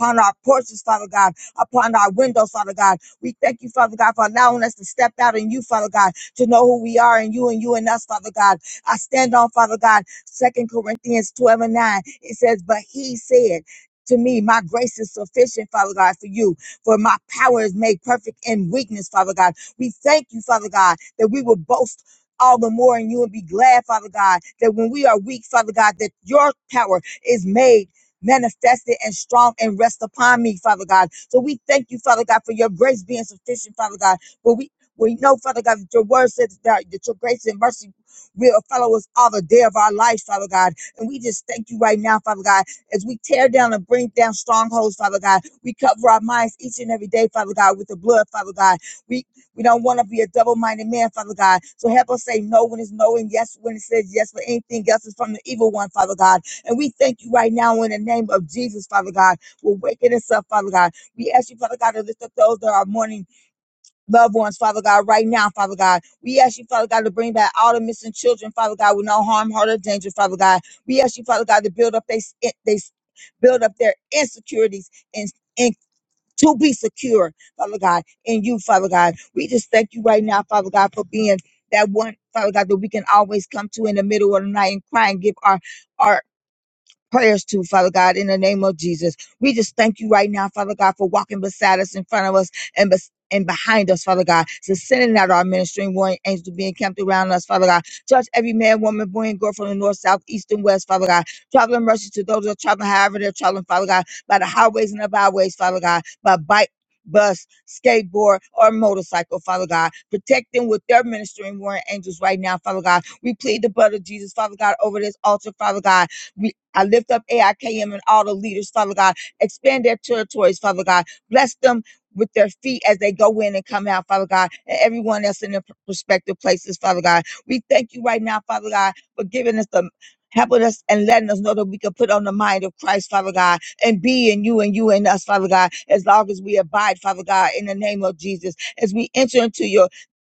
Upon our porches, Father God, upon our windows, Father God. We thank you, Father God, for allowing us to step out in you, Father God, to know who we are in you and you and us, Father God. I stand on, Father God, Second Corinthians 12 and 9. It says, But he said, to me, my grace is sufficient, Father God, for you. For my power is made perfect in weakness, Father God. We thank you, Father God, that we will boast all the more in you and be glad, Father God, that when we are weak, Father God, that your power is made manifested and strong and rest upon me, Father God. So we thank you, Father God, for your grace being sufficient, Father God. But we we know, Father God, that your word says that, that your grace and mercy will follow us all the day of our life, Father God. And we just thank you right now, Father God, as we tear down and bring down strongholds, Father God. We cover our minds each and every day, Father God, with the blood, Father God. We we don't want to be a double-minded man, Father God. So help us say no when it's no and yes when it says yes for anything else is from the evil one, Father God. And we thank you right now in the name of Jesus, Father God. We're waking us up, Father God. We ask you, Father God, to lift up those that are mourning loved ones, Father God, right now, Father God. We ask you, Father God, to bring back all the missing children, Father God, with no harm, hurt, or danger, Father God. We ask you, Father God, to build up they, they build up their insecurities and and to be secure, Father God, in you, Father God. We just thank you right now, Father God, for being that one, Father God, that we can always come to in the middle of the night and cry and give our our prayers to, Father God, in the name of Jesus. We just thank you right now, Father God, for walking beside us, in front of us, and bes- and behind us, Father God, so sending out our ministering warring angels to be encamped around us, Father God. Touch every man, woman, boy, and girl from the north, south, east, and west, Father God. Traveling mercy to those that are traveling, however they're traveling, Father God, by the highways and the byways, Father God, by bike, bus, skateboard, or motorcycle, Father God. Protect them with their ministering warring angels right now, Father God. We plead the blood of Jesus, Father God, over this altar, Father God. I lift up AIKM and all the leaders, Father God. Expand their territories, Father God. Bless them with their feet as they go in and come out, Father God, and everyone else in their p- prospective places, Father God. We thank you right now, Father God, for giving us the helping us and letting us know that we can put on the mind of Christ, Father God, and be in you and you in us, Father God, as long as we abide, Father God, in the name of Jesus, as we enter into your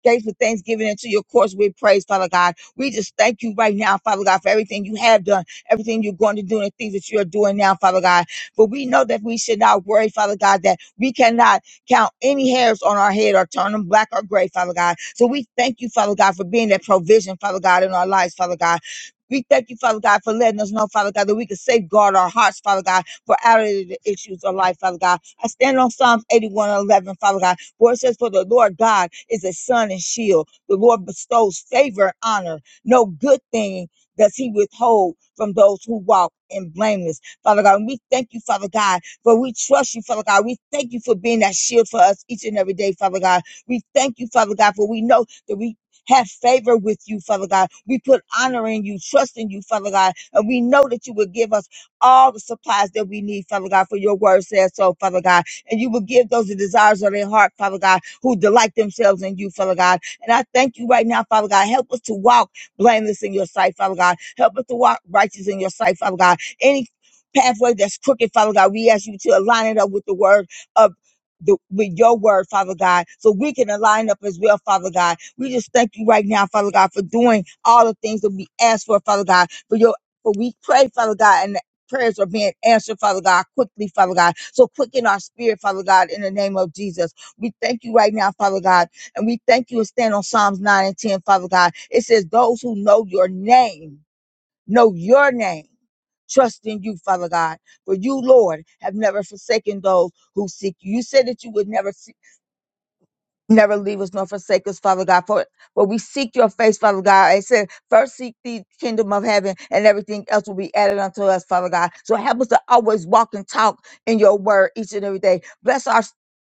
gates with thanksgiving and to your courts with praise, Father God. We just thank you right now, Father God, for everything you have done everything you're going to do and the things that you are doing now, Father God. But we know that we should not worry, Father God, that we cannot count any hairs on our head or turn them black or gray, Father God. So we thank you, Father God, for being that provision, Father God, in our lives, Father God. We thank you, Father God, for letting us know, Father God, that we can safeguard our hearts, Father God, for out of the issues of life, Father God. I stand on Psalms 81 and 11, Father God, where it says, For the Lord God is a sun and shield. The Lord bestows favor and honor. No good thing does he withhold from those who walk in blameless. Father God, and we thank you, Father God, for we trust you, Father God. We thank you for being that shield for us each and every day, Father God. We thank you, Father God, for we know that we have favor with you, Father God. We put honor in you, trust in you, Father God, and we know that you will give us all the supplies that we need, Father God, for your word says so, Father God. And you will give those the desires of their heart, Father God, who delight themselves in you, Father God. And I thank you right now, Father God. Help us to walk blameless in your sight, Father God. Help us to walk righteous in your sight, Father God. Any pathway that's crooked, Father God, we ask you to align it up with the word of the, with your word, Father God, so we can align up as well, Father God. We just thank you right now, Father God, for doing all the things that we ask for, Father God, for your, for we pray, Father God, and the prayers are being answered, Father God, quickly, Father God. So quicken our spirit, Father God, in the name of Jesus. We thank you right now, Father God and we thank you and stand on Psalms 9 and 10, Father God. It says, Those who know your name, know your name, trust in you, Father God. For you, Lord, have never forsaken those who seek you. You said that you would never never leave us nor forsake us, Father God. For when we seek your face, Father God. It said, first seek the kingdom of heaven, and everything else will be added unto us, Father God. So help us to always walk and talk in your word each and every day. Bless our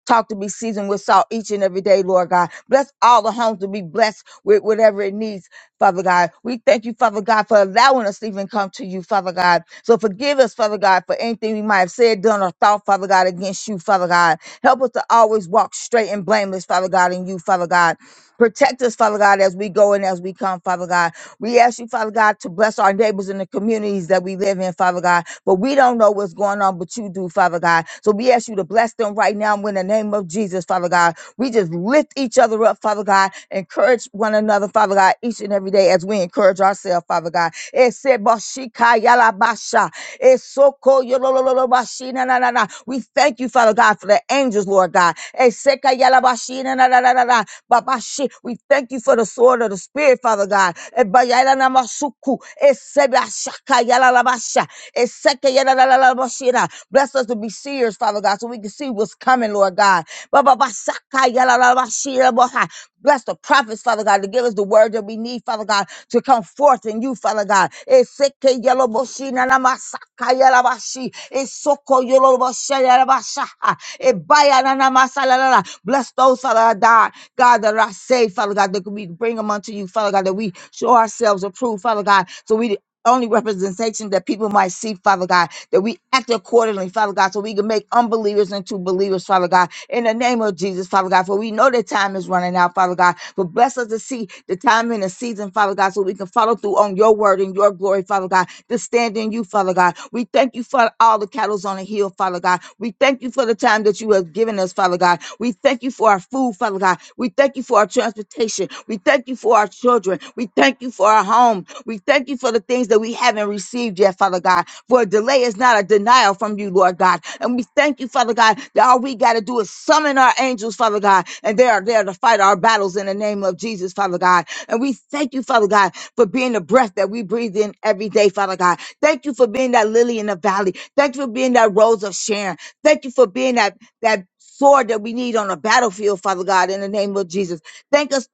talk to be seasoned with salt each and every day, Lord God. Bless all the homes to be blessed with whatever it needs, Father God. We thank you, Father God, for allowing us to even come to you, Father God. So forgive us, Father God, for anything we might have said, done, or thought, Father God, against you, Father God. Help us to always walk straight and blameless, Father God, in you, Father God. Protect us, Father God, as we go and as we come, Father God. We ask you, Father God, to bless our neighbors in the communities that we live in, Father God. But we don't know what's going on, but you do, Father God. So we ask you to bless them right now in the name of Jesus, Father God. We just lift each other up, Father God. Encourage one another, Father God, each and every day as we encourage ourselves, Father God. Esebashikayalabasha. Esoko yolololobashina na na na. We thank you, Father God, for the angels, Lord God. Eseka yalabashina na na na na na. Babashi. We thank you for the sword of the Spirit, Father God. Ebayala na masuku. Esebashaka yalalabasha. Eseka yalalalabashina. Bless us to be seers, Father God, so we can see what's coming, Lord God. Bababashaka yalalabashira boha. Bless the prophets, Father God, to give us the word that we need, Father God, to come forth in you, Father God. Eseke yoloboshi nanamasaka yalabashi. Esoko yoloboshe yalabashaha. Ebaya nanamasa lalala. Bless those, Father God, God, that are saved, Father God, that we bring them unto you, Father God, that we show ourselves approved, Father God, so we only representation that people might see, Father God, that we act accordingly, Father God, so we can make unbelievers into believers, Father God, in the name of Jesus, Father God, for we know the time is running out, Father God, but bless us to see the time and the season, Father God, so we can follow through on your word and your glory, Father God, to stand in you, Father God. We thank you for all the cattle's on the hill, Father God. We thank you for the time that you have given given us, Father God. We thank you for our food, Father God. We thank you for our transportation. We thank you for our children. We thank you for our home. We thank you for the things that we haven't received yet, Father God. For a delay is not a denial from you, Lord God. And we thank you, Father God, that all we got to do is summon our angels, Father God, and they are there to fight our battles in the name of Jesus, Father God. And we thank you, Father God, for being the breath that we breathe in every day, Father God. Thank you for being that lily in the valley. Thank you for being that rose of Sharon. Thank you for being that that sword that we need on a battlefield, Father God, in the name of Jesus. Thank us,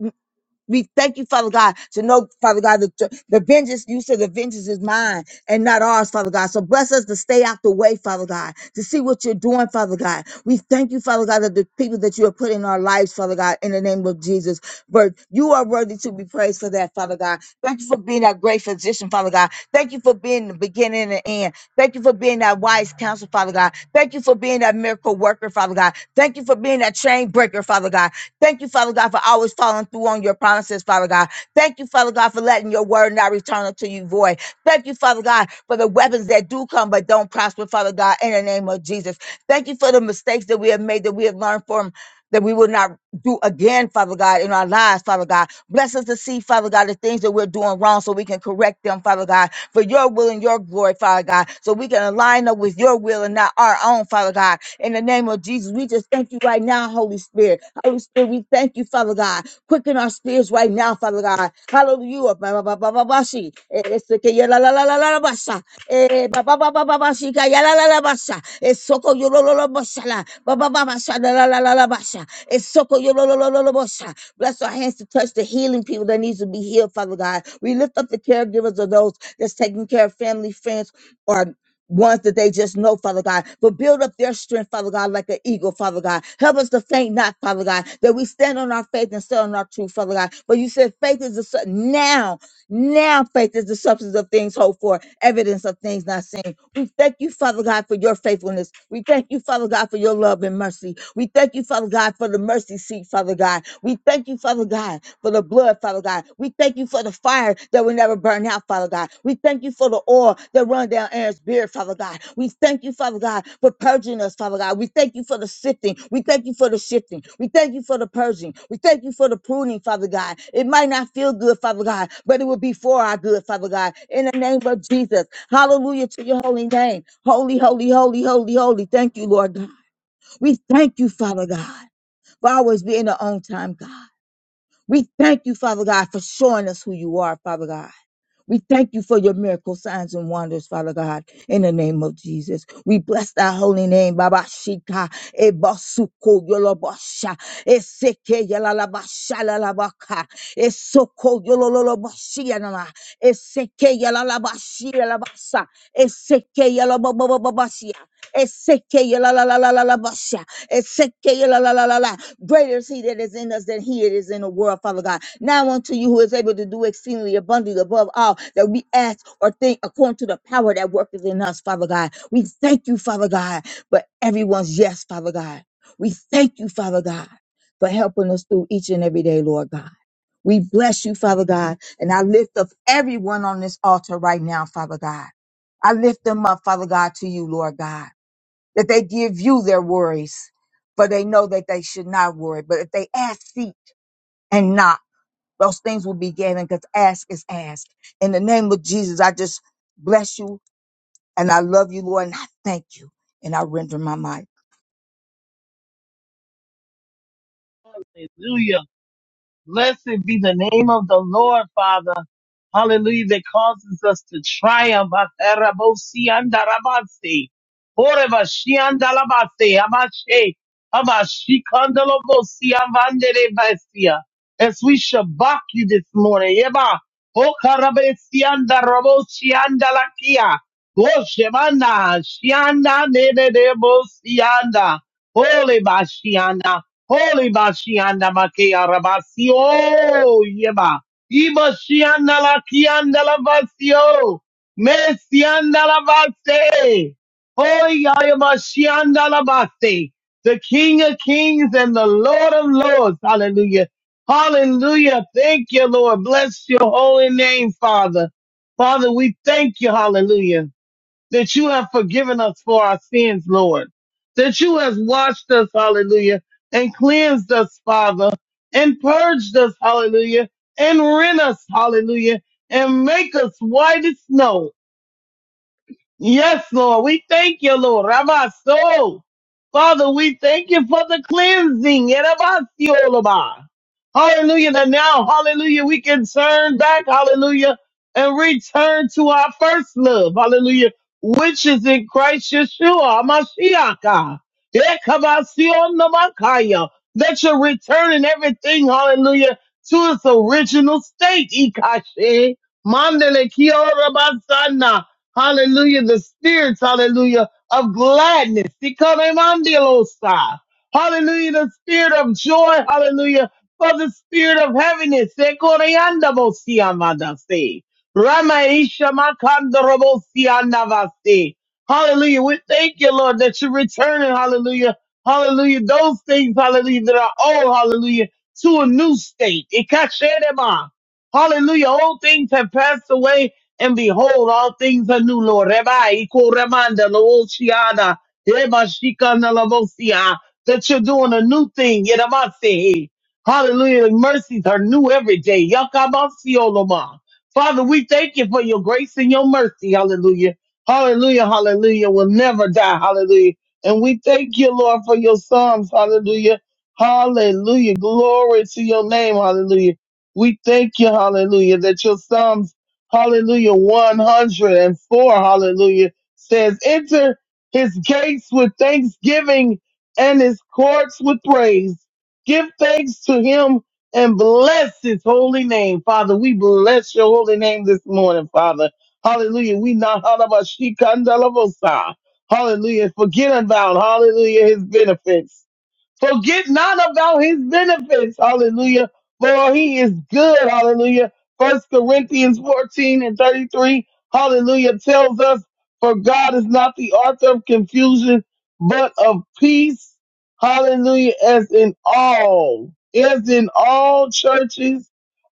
we thank you, Father God, to know, Father God, the, the vengeance, you said the vengeance is mine and not ours, Father God. So bless us to stay out the way, Father God, to see what you're doing, Father God. We thank you, Father God, that the people that you have put in our lives, Father God, in the name of Jesus. But you are worthy to be praised for that, Father God. Thank you for being that great physician, Father God. Thank you for being the beginning and the end. Thank you for being that wise counsel, Father God. Thank you for being that miracle worker, Father God. Thank you for being that chain breaker, Father God. Thank you, Father God, for always following through on your promises, Father God. Thank you, Father God, for letting your word not return unto you void. Thank you, Father God, for the weapons that do come but don't prosper, Father God, in the name of Jesus. Thank you for the mistakes that we have made that we have learned from, that we will not do again, Father God, in our lives, Father God. Bless us to see, Father God, the things that we're doing wrong so we can correct them, Father God, for your will and your glory, Father God, so we can align up with your will and not our own, Father God. In the name of Jesus, we just thank you right now, Holy Spirit. Holy Spirit, we thank you, Father God. Quicken our spirits right now, Father God. Hallelujah. Ba- ba- ba- ba- ba- shi. Eh, eh, seke ya la- la- la- la- la- la- ba- sha. Eh, ba- ba- ba- ba- ba- ba- shi ka ya la- la- la- ba- sha. Eh, soko yo lo- lo- lo- bo- sha la. Ba- ba- ba- ba- sha la- la- la- la- la- ba- sha. Eh, soko yo lo- lo- lo- lo- lo- bo- sha. Bless our hands to touch the healing people that needs to be healed, Father God. We lift up the caregivers of those that's taking care of family, friends, or ones that they just know, Father God, but build up their strength, Father God, like an eagle, Father God. Help us to faint not, Father God, that we stand on our faith and stand on our truth, Father God. But you said faith is the su- now, now faith is the substance of things hoped for, evidence of things not seen. We thank you, Father God, for your faithfulness. We thank you, Father God, for your love and mercy. We thank you, Father God, for the mercy seat, Father God. We thank you, Father God, for the blood, Father God. We thank you for the fire that will never burn out, Father God. We thank you for the oil that run down Aaron's beard, Father God. We thank you, Father God, for purging us, Father God. We thank you for the sifting. We thank you for the shifting. We thank you for the purging. We thank you for the pruning, Father God. It might not feel good, Father God, but it will be for our good, Father God. In the name of Jesus. Hallelujah to your holy name. Holy, holy, holy, holy, holy. Thank you, Lord God. We thank you, Father God, for always being the on time God. We thank you, Father God, for showing us who you are, Father God. We thank you for your miracle signs and wonders, Father God, in the name of Jesus. We bless thy holy name, Baba Shika, Ebasuko Yolobosha, Eseke Yalalabasha Lalabaka, Esoko Yololoboshianama, Eseke Yalalabashia Labasa, Eseke Yalababashia. Eseke yala la la la la la basha. Eseke yala la la la la la. Greater is he that is in us than he that is in the world, Father God. Now unto you who is able to do exceedingly abundantly above all that we ask or think according to the power that worketh in us, Father God. We thank you, Father God, for everyone's yes, Father God. We thank you, Father God, for helping us through each and every day, Lord God. We bless you, Father God, and I lift up everyone on this altar right now, Father God. I lift them up, Father God, to you, Lord God that they give you their worries, for they know that they should not worry. But if they ask, seek, and knock, those things will be given because ask is asked. In the name of Jesus, I just bless you and I love you, Lord, and I thank you. And I render my mic.
Hallelujah. Blessed be the name of the Lord, Father. Hallelujah. That causes us to triumph. Atarabosi andarabasi. Orebashi andalabasi. Amashe. Amashi kandalobosi amanderebasia. As we shabak you this morning. Yeba. Okarabesi andarabosi andalakia. Goshemana. Shianda nedebosi anda. Holy bashianda. Holy bashianda makea rabasi. Oh, yeba. Iba shianda la kianda la vasio. Mesianda la vase. Oyayama shianda la vase. The King of Kings and the Lord of Lords. Hallelujah. Hallelujah. Thank you, Lord. Bless your holy name, Father. Father, we thank you. Hallelujah that you have forgiven us for our sins, Lord, that you have washed us, hallelujah, and cleansed us, Father, and purged us, hallelujah, and rent us, hallelujah, and make us white as snow. Yes, Lord. We thank you, Lord. Ramaso. Father, we thank you for the cleansing. Yerabasiolaba. Hallelujah. That now, hallelujah, we can turn back, hallelujah, and return to our first love. Hallelujah. Which is in Christ Yeshua, Mashiach. Ekabasionamakaya. That you're returning everything, hallelujah, to its original state. Ikashe. Mandele kiora Hallelujah. The spirits, hallelujah, of gladness. Ikaremandilosa. Hallelujah. The spirit of joy. Hallelujah. For the spirit of heaviness. Ekoreandabosiamadase. Ramaishamakandorobosiandavase. Hallelujah. We thank you, Lord, that you're returning. Hallelujah. Hallelujah. Those things, hallelujah, that are old, hallelujah, to a new state. Ikashedema. Hallelujah. Old things have passed away. And behold, all things are new, Lord. Rebai, Iko Remanda, Looshiana, Rebashika, Nalabosia, that you're doing a new thing. Yeramase. Hallelujah. The mercies are new every day. Yakabasioloma. Father, we thank you for your grace and your mercy. Hallelujah. Hallelujah. Hallelujah. We'll never die. Hallelujah. And we thank you, Lord, for your sons. Hallelujah. Hallelujah. Glory to your name. Hallelujah. We thank you. Hallelujah. That your psalms Hallelujah 104. Hallelujah says, enter his gates with thanksgiving and his courts with praise. Give thanks to him and bless his holy name. Father, we bless your holy name this morning, Father. Hallelujah. We not Hallelujah. Forget about, hallelujah, his benefits. Forget not about his benefits. Hallelujah. For he is good. Hallelujah. First Corinthians 14 and 33. Hallelujah. Tells us, for God is not the author of confusion, but of peace. Hallelujah. As in all, as in all churches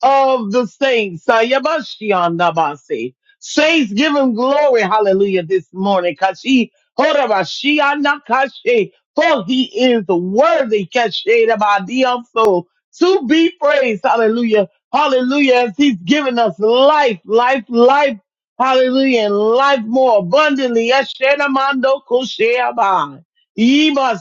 of the saints. Sayabashiandabase. Saints, give him glory, hallelujah, this morning. Kashi, horabashiandakashe. For he is worthy, kashe, so to be praised, hallelujah, hallelujah, as he's given us life, life, life, hallelujah, and life more abundantly. Eshenamando kosheaba. Ima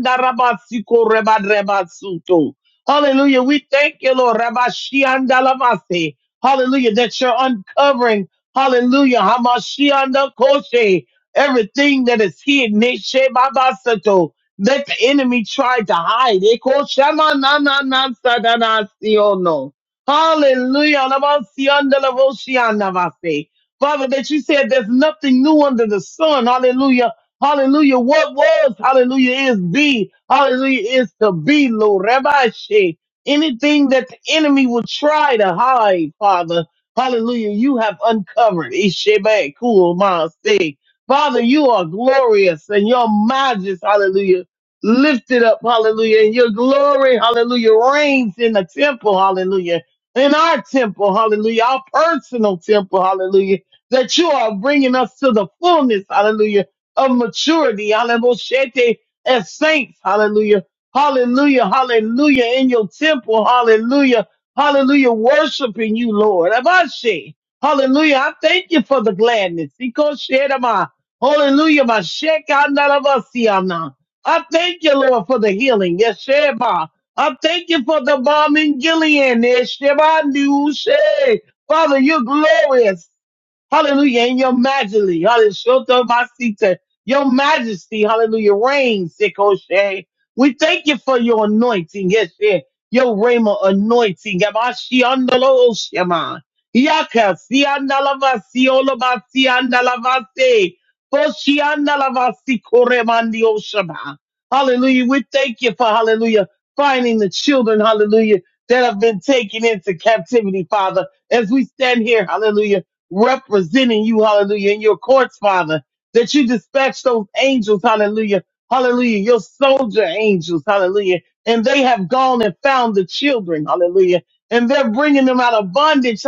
sokoriandarabasikorebadrebasuto. Hallelujah. We thank you, Lord. Rabashiandalamase. Hallelujah. That you're uncovering. Hallelujah. Hamashiandakoshe. Everything that is hidden. Neshebabasato, That the enemy tried to hide. Ekoshamanananasadasiono. Hallelujah. Labasiandalavoshiandavase. Father, that you said there's nothing new under the sun. Hallelujah Hallelujah. What was, hallelujah, is be. Hallelujah, is to be, Lord. Rabbi Shea. Anything that the enemy will try to hide, Father. Hallelujah. You have uncovered. Ishebe, cool, my say. Father, you are glorious and your majesty, hallelujah, lifted up, hallelujah, and your glory, hallelujah, reigns in the temple, hallelujah, in our temple, hallelujah, our personal temple, hallelujah, that you are bringing us to the fullness, hallelujah, of maturity, hallelujah, as saints, hallelujah, hallelujah, hallelujah, in your temple, hallelujah, hallelujah, worshiping you, Lord. Abashe, hallelujah, I thank you for the gladness. Ikoshedama, Hallelujah, my shekandalavasiyana. I thank you, Lord, for the healing. Yesheba. I thank you for the bomb in Gilead. Yesheba, Nushe. Father, you're glorious. Hallelujah. And your majesty, hallelujah, Shoto Masita, your majesty, hallelujah, reigns, Sikoshe. We thank you for your anointing, yes, yeah, your Rhema anointing. Yabashi andalo oshema. Yaka si andalavasi, olabasi andalavase, si andalava se. Boshi andalava si koremandi oshema. Hallelujah. We thank you for, hallelujah, finding the children, hallelujah, that have been taken into captivity, Father, as we stand here, hallelujah representing you, hallelujah, in your courts, Father, that you dispatch those angels, hallelujah, hallelujah, your soldier angels, hallelujah, and they have gone and found the children, hallelujah, and they're bringing them out of bondage.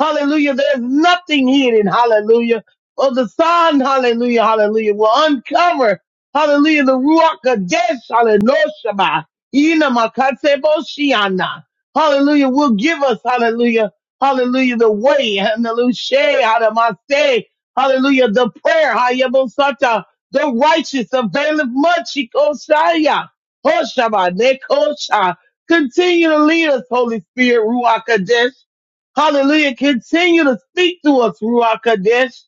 Hallelujah, there's nothing hidden, hallelujah, for the Son, hallelujah, hallelujah, will uncover, hallelujah, the Ruach Kadesh, hallelujah, Ina makatebo shiana. Hallelujah. Will give us, hallelujah. Hallelujah. The way. Hallelujah. Hadamase. Hallelujah. The prayer. Hayabosata. The righteous availeth much. Ikoshaya. Hoshaba. Nekosha. Continue to lead us, Holy Spirit. Ruach Kadesh. Hallelujah. Continue to speak to us, Ruach Kadesh.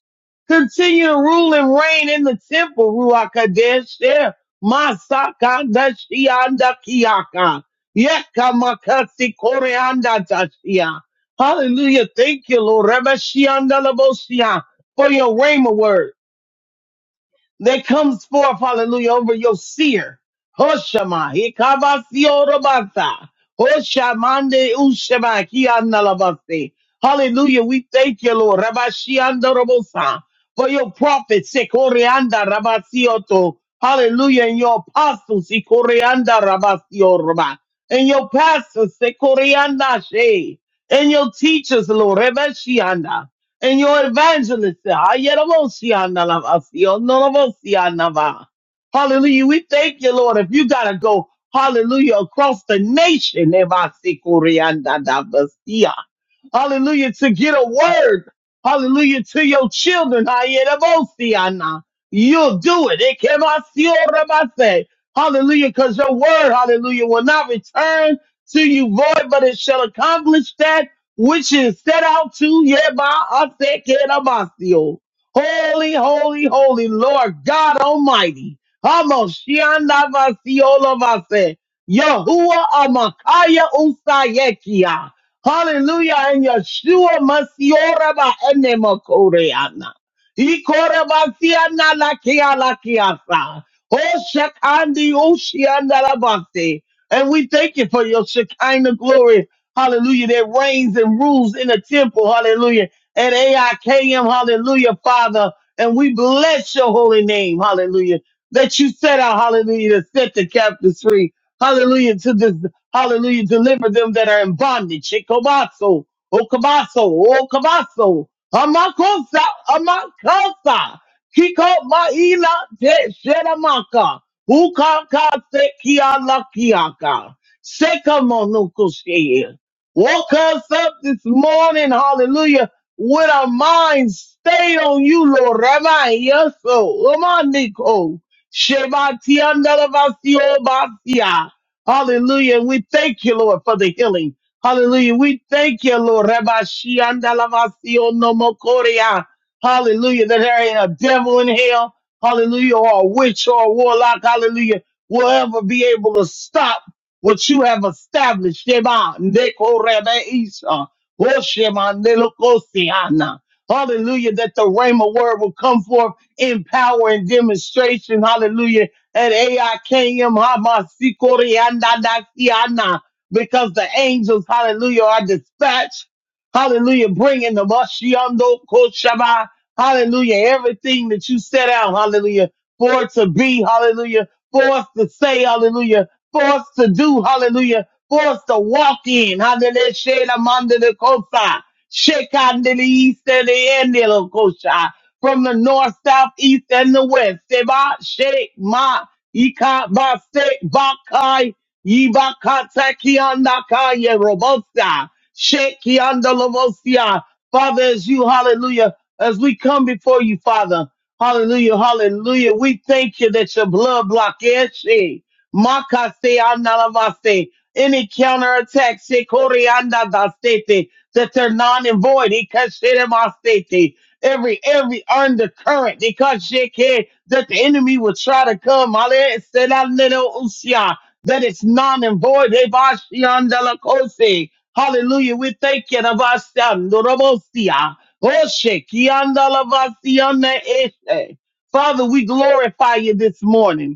Continue to rule and reign in the temple, Ruach Kadesh. Yeah. Masaka dashianda kiyaka. Yeka makasi koreanda dashia. Hallelujah. Thank you, Lord. Rabashiandalabosia, For your rhema word that comes forth, hallelujah, over your seer. Hoshama, hikabasiotabasa, hoshamande ushema, kianalabase. Hallelujah, we thank you, Lord. Rabashiandorobosa, For your prophets, sekorianda rabasioto. Hallelujah, and your apostles, sekorianda rabasioroba. And your pastors, sekorianda she. And your teachers, Lord, rebashianda and your evangelist. Ayerabosianava. Hallelujah. We thank you, Lord. If you got to go, hallelujah, across the nation, Evasikuriandadavasia. hallelujah, to get a word, hallelujah, to your children, Ayerabosiana. you'll do it. Ekemasiorabase. Hallelujah, because your word, hallelujah, will not return to you void, but it shall accomplish that which is set out to Yebahasekedabasio. Holy, holy, holy Lord God Almighty. Hamoshiandabasiolabase. Yahuwah Amakaya Usayekia. Hallelujah. And Yeshua Masioraba Enemakoreana. Ikorabasiana Lakia Lakiasa. Oh, Shekandi Ushiandalabase. And we thank you for your Shekinah glory hallelujah, that reigns and rules in the temple, hallelujah, at AIKM, hallelujah, Father. And we bless your holy name, hallelujah, that you set out, hallelujah, to set the captives free, hallelujah, to this, hallelujah, deliver them that are in bondage. Shikobaso, Okabaso, Okabaso, Amakosa, Amakosa, Kiko Maila, Te Sheramaka, Ukaka, Sekia, Lakiaka. Sekamonukushea woke us up this morning, hallelujah, with our minds stayed on you, Lord. Rabbi, yes, so, Omaniko, Shebatiandalabasiobasia. Hallelujah. And we thank you, Lord, for the healing. Hallelujah. We thank you, Lord. Rabbi, Shiandalabasionomokoria. Hallelujah. That there ain't a devil in hell. Hallelujah. Or a witch or a warlock. Hallelujah. Will ever be able to stop what you have established. Shema, Neko Rebe Isha, Ho Shema, Neloko Hallelujah, that the Rhema word will come forth in power and demonstration. Hallelujah. And AIKM, Hamasi Koreanda because the angels, hallelujah, are dispatched. Hallelujah, bringing the Mashiando Koshaba. Hallelujah, everything that you set out, hallelujah, for it to be, hallelujah, for us to say, hallelujah for us to do, hallelujah, for us to walk in, hallelujah, shela manda de kosa, shekanda de east and the end de la kosha, from the north, south, east, and the west, seba, shek, ma, ika, ba, sek, bakai, yibakata, kianda, kaya, robosa, shek, kianda, lobosia, Father, as you, hallelujah, as we come before you, Father, hallelujah, hallelujah, we thank you that your blood block, yes, Makase analavase. Any counterattack, Shikorianda Dasete, that they're non and void. Ikashidamasete. Every every undercurrent, because Shike, that the enemy will try to come. Ale Sedanero Usia, That it's non and void. Ebashianda Lakose. Hallelujah. We thank you. Navasando Robosia. Oshe Kianda Lavasiana Eshe. Father, we glorify you this morning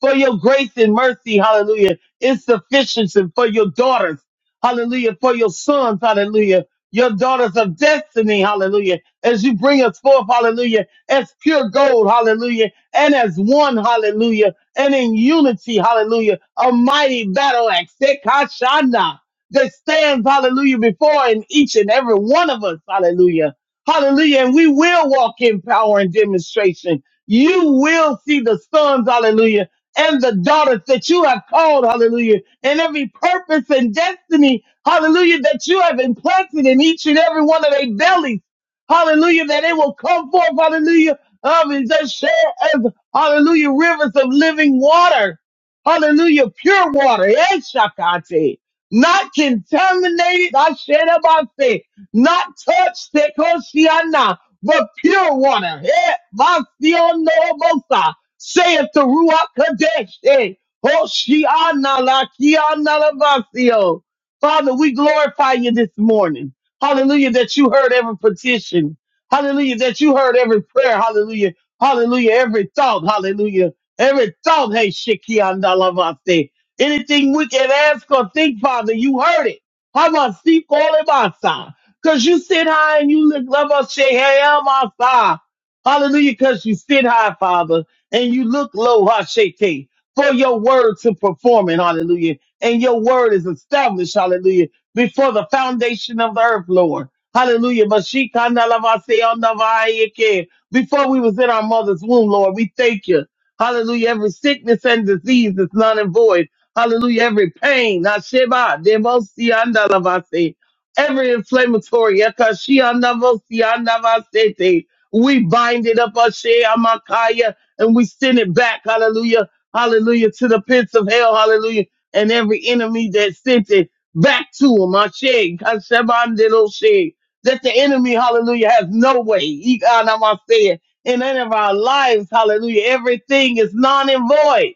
for your grace and mercy, hallelujah, is sufficient for your daughters, hallelujah, for your sons, hallelujah, your daughters of destiny, hallelujah, as you bring us forth, hallelujah, as pure gold, hallelujah, and as one, hallelujah, and in unity, hallelujah, a mighty battle axe, Sekashana, that stands, hallelujah, before in each and every one of us, hallelujah, hallelujah, and we will walk in power and demonstration. You will see the sons, hallelujah, and the daughters that you have called, hallelujah, and every purpose and destiny, hallelujah, that you have implanted in each and every one of their bellies, hallelujah, that it will come forth, hallelujah, um, and just share as, hallelujah, rivers of living water, hallelujah, pure water, Eshakate, not contaminated, I share about faith, not touched, Tekoshiana, but pure water, eh, Basionobosa saith the Ruach Kadesh. eh, Hoshiana la kiana lavasio. Father, we glorify you this morning. Hallelujah, that you heard every petition. Hallelujah, that you heard every prayer. Hallelujah, hallelujah, every thought. Hallelujah, every thought. Hey, shikiana lavasio. Anything we can ask or think, Father, you heard it. Hamasi kolebasa. Cause you sit high and you look love us, Sheheamasa. Hallelujah, cause you sit high, Father and you look low, Hasheke, for your word to perform it, hallelujah. And your word is established, hallelujah, before the foundation of the earth, Lord. Hallelujah. Mashikandalavaseyandavayeke. Before we was in our mother's womb, Lord, we thank you. Hallelujah. Every sickness and disease is none and void. Hallelujah. Every pain. Hasheba, demosiandalavase. Every inflammatory. Yakashiandavosiandavasete. We bind it up, Ashe Amakaya and we send it back, hallelujah, hallelujah, to the pits of hell, hallelujah, and every enemy that sent it back to him. Ashe, kashabandiloshe. That the enemy, hallelujah, has no way. Ikanamase. In any of our lives, hallelujah, everything is non and void.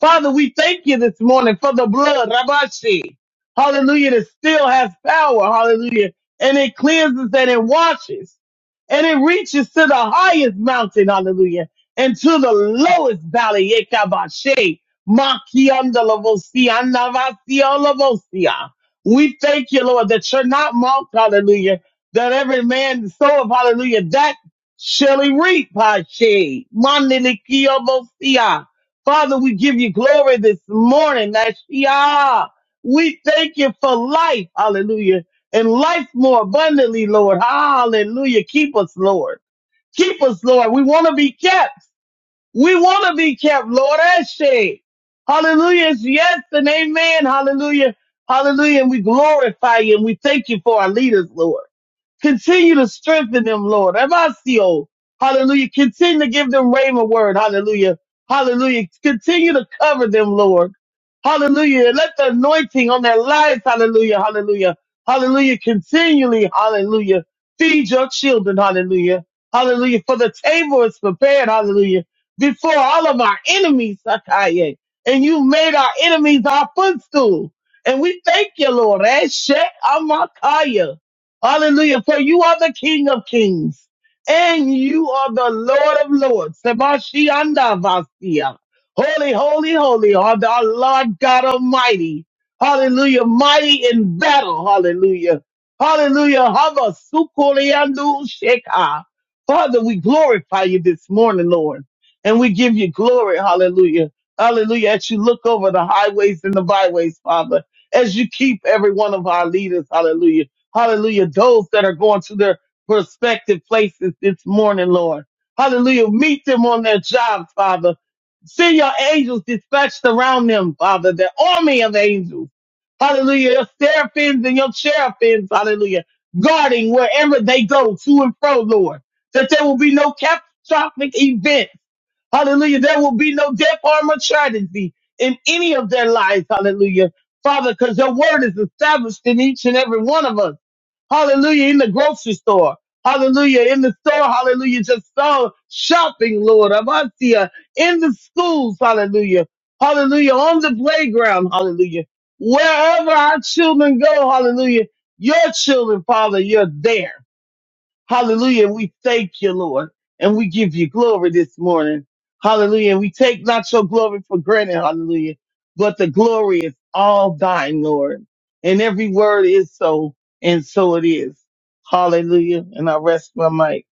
Father, we thank you this morning for the blood, Rabashi. Hallelujah, that still has power. Hallelujah. And it cleanses and it washes. And it reaches to the highest mountain. Hallelujah. And to the lowest valley. Yekabashe. Makiandalavosia, Navasiolavosia. We thank you, Lord, that you're not mocked. Hallelujah. That every man soweth. Hallelujah. That shall he reap. Hashe. Mandelikiyovosia. Father, we give you glory this morning. Nashia. We thank you for life. Hallelujah. And life more abundantly, Lord. Hallelujah. Keep us, Lord. Keep us, Lord. We want to be kept. We want to be kept, Lord. Eshe. Hallelujah. It's Yes and amen. Hallelujah. Hallelujah. And we glorify you and we thank you for our leaders, Lord. Continue to strengthen them, Lord. Emasio. Hallelujah. Continue to give them rhema word. Hallelujah. Hallelujah. Continue to cover them, Lord. Hallelujah. Let the anointing on their lives. Hallelujah. Hallelujah. Hallelujah. Continually. Hallelujah. Feed your children. Hallelujah. Hallelujah. For the table is prepared. Hallelujah. Before all of our enemies, Sakaye. And you made our enemies our footstool. And we thank you, Lord. Eshek Amakaya. Hallelujah. For you are the King of Kings and you are the Lord of Lords. Sebashianda Vasia. Holy, holy, holy are thou, Lord God Almighty. Hallelujah. Mighty in battle. Hallelujah. Hallelujah. Hava sukuriandu sheka. Father, we glorify you this morning, Lord, and we give you glory. Hallelujah. Hallelujah. As you look over the highways and the byways, Father, as you keep every one of our leaders. Hallelujah Hallelujah. Those that are going to their prospective places this morning, Lord. Hallelujah. Meet them on their jobs, Father. See your angels dispatched around them, Father, the army of angels. Hallelujah. Your seraphims and your cherubims, hallelujah, guarding wherever they go to and fro, Lord, that there will be no catastrophic event. Hallelujah. There will be no death, harm, or tragedy in any of their lives. Hallelujah. Father, because your word is established in each and every one of us. Hallelujah. In the grocery store. Hallelujah. In the store. Hallelujah. Just so shopping, Lord. Amantia. In the schools. Hallelujah. Hallelujah. On the playground. Hallelujah. Wherever our children go. Hallelujah. Your children, Father, you're there. Hallelujah. And we thank you, Lord. And we give you glory this morning. Hallelujah. And we take not your glory for granted. Hallelujah. But the glory is all thine, Lord. And every word is so, and so it is. Hallelujah. And I rest my mic.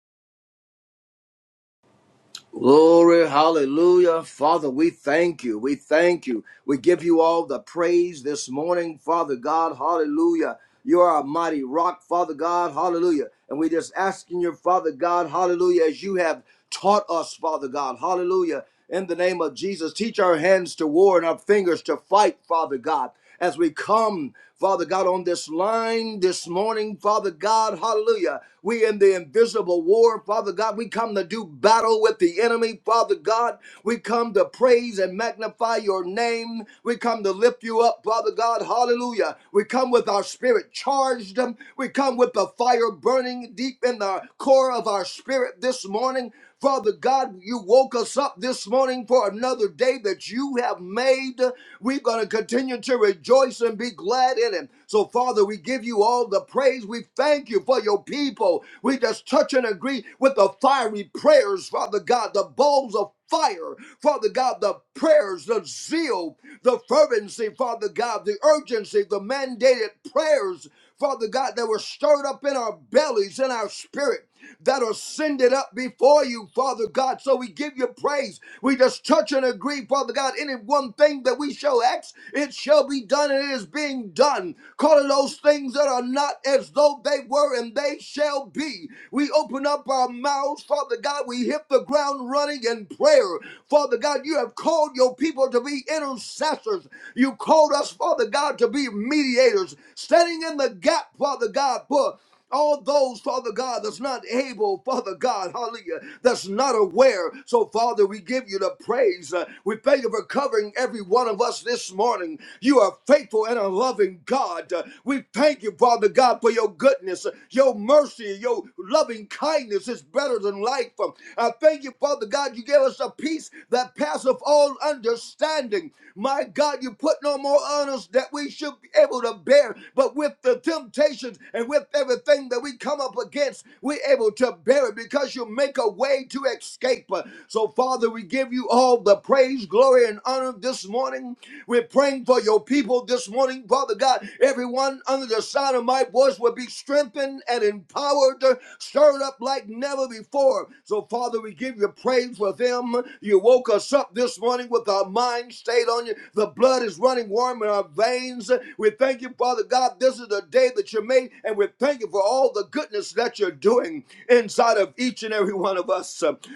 Glory, hallelujah. Father, we thank you. We thank you. We give you all the praise this morning, Father God, hallelujah. You are a mighty rock, Father God, hallelujah. And we just asking you, Father God, hallelujah, as you have taught us, Father God, hallelujah. In the name of Jesus, teach our hands to war and our fingers to fight, Father God as we come, Father God, on this line this morning, Father God, hallelujah. We in the invisible war, Father God, we come to do battle with the enemy, Father God. We come to praise and magnify your name. We come to lift you up, Father God, hallelujah. We come with our spirit charged. We come with the fire burning deep in the core of our spirit this morning. Father God, you woke us up this morning for another day that you have made. We're going to continue to rejoice and be glad in it. So, Father, we give you all the praise. We thank you for your people. We just touch and agree with the fiery prayers, Father God, the bowls of fire, Father God, the prayers, the zeal, the fervency, Father God, the urgency, the mandated prayers, Father God, that were stirred up in our bellies, in our spirit that are sending up before you, Father God. So we give you praise. We just touch and agree, Father God. Any one thing that we shall ask, it shall be done, and it is being done. Calling those things that are not as though they were, and they shall be. We open up our mouths, Father God. We hit the ground running in prayer. Father God, you have called your people to be intercessors. You called us, Father God, to be mediators, standing in the gap, Father God, for all those, Father God, that's not able, Father God, hallelujah, that's not aware. So, Father, we give you the praise. Uh, we thank you for covering every one of us this morning. You are faithful and a loving God. Uh, we thank you, Father God, for your goodness, uh, your mercy, your loving kindness is better than life. Um, I thank you, Father God, you gave us a peace that passeth all understanding. My God, you put no more on us that we should be able to bear, but with with the temptations and with everything that we come up against, we're able to bear it because you make a way to escape. So, Father, we give you all the praise, glory, and honor this morning. We're praying for your people this morning, Father God. Everyone under the sound of my voice will be strengthened and empowered, stirred up like never before. So, Father, we give you praise for them. You woke us up this morning with our minds stayed on you. The blood is running warm in our veins means. We thank you, Father God. This is the day that you made, and we thank you for all the goodness that you're doing inside of each and every one of us.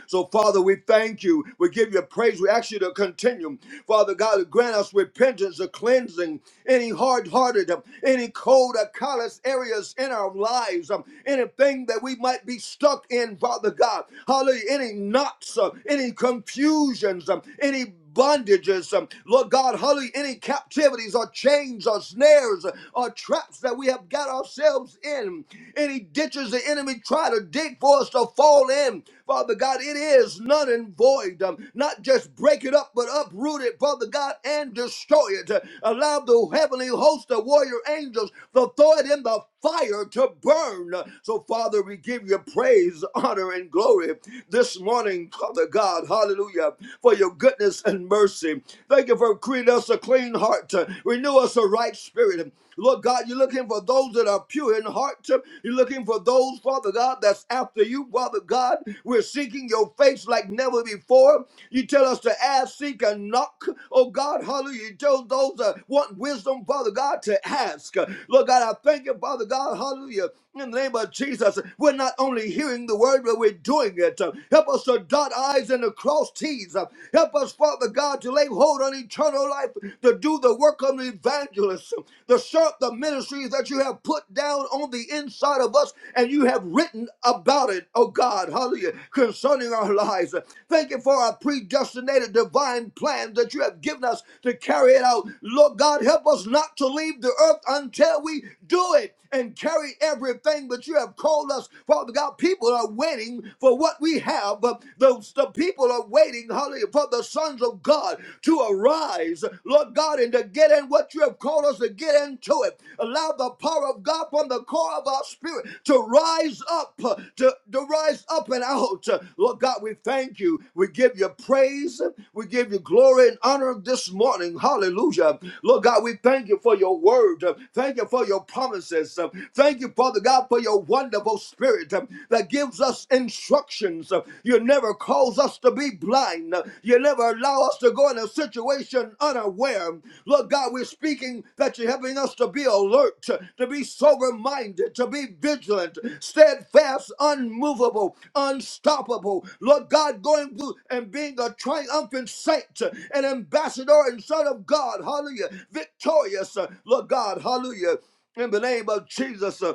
So, Father, we thank you. We give you praise. We ask you to continue, Father God, to grant us repentance, a cleansing, any hard hearted, any cold or callous areas in our lives, um, anything that we might be stuck in, Father God. Hallelujah. Any knots, uh, any confusions, um, any bondages, um, Lord God, hallelujah, any captivities or chains or snares or or traps that we have got ourselves in, any ditches the enemy try to dig for us to fall in, Father God, it is none and void. Um, not just break it up, but uproot it, Father God, and destroy it. Uh, Allow the heavenly host of warrior angels to throw it in the fire to burn. So, Father, we give you praise, honor, and glory this morning, Father God. Hallelujah hallelujah, for your goodness and mercy. Thank you for creating us a clean heart, uh, renew us a right spirit. Lord God, you're looking for those that are pure in heart. uh, You're looking for those, Father God, that's after you, Father God. We're seeking your face like never before. You tell us to ask, seek, and knock. Oh God, hallelujah. You tell those that want wisdom, Father God, to ask. Uh, Lord God, I thank you, Father God, hallelujah. In the name of Jesus, we're not only hearing the word, but we're doing it. Help us Help us to dot I's and to cross T's. Uh, Help us, Father God, to lay hold on eternal life, to do the work of the evangelist, uh, to serve the ministries that you have put down on the inside of us and you have written about it, oh God, hallelujah, concerning our lives. Uh, Thank you for our predestinated divine plan that you have given us to carry it out. Lord God, help us not to leave the earth until we do it and carry everything that you have called us. Father God, people are willing waiting for what we have. The, the people are waiting, hallelujah, for the sons of God to arise, Lord God, and to get in what you have called us to get into it. Allow the power of God from the core of our spirit to rise up, uh, to, to rise up and out. Uh, Lord God, we thank you. We give you praise. We give you glory and honor this morning. Hallelujah. Lord God, we thank you for your word. Uh, Thank you for your promises. Uh, Thank you, Father God, for your wonderful Holy Spirit uh, that gives us instructions. Uh, You never cause us to be blind. Uh, You never allow us to go in a situation unaware. Lord God, we're speaking that you're helping us to be alert, to to be sober minded, to be vigilant, steadfast, unmovable, unstoppable. Lord God, going through and being a triumphant saint, uh, an ambassador and son of God. Hallelujah. Victorious. uh, Lord God, hallelujah in the name of Jesus. uh,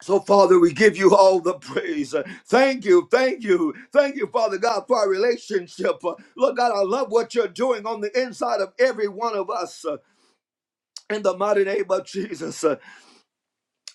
so, Father, we give you all the praise. Uh, Thank you, thank you, thank you, Father God, for our relationship. Uh, Lord God, I love what you're doing on the inside of every one of us. uh, In the mighty name of Jesus.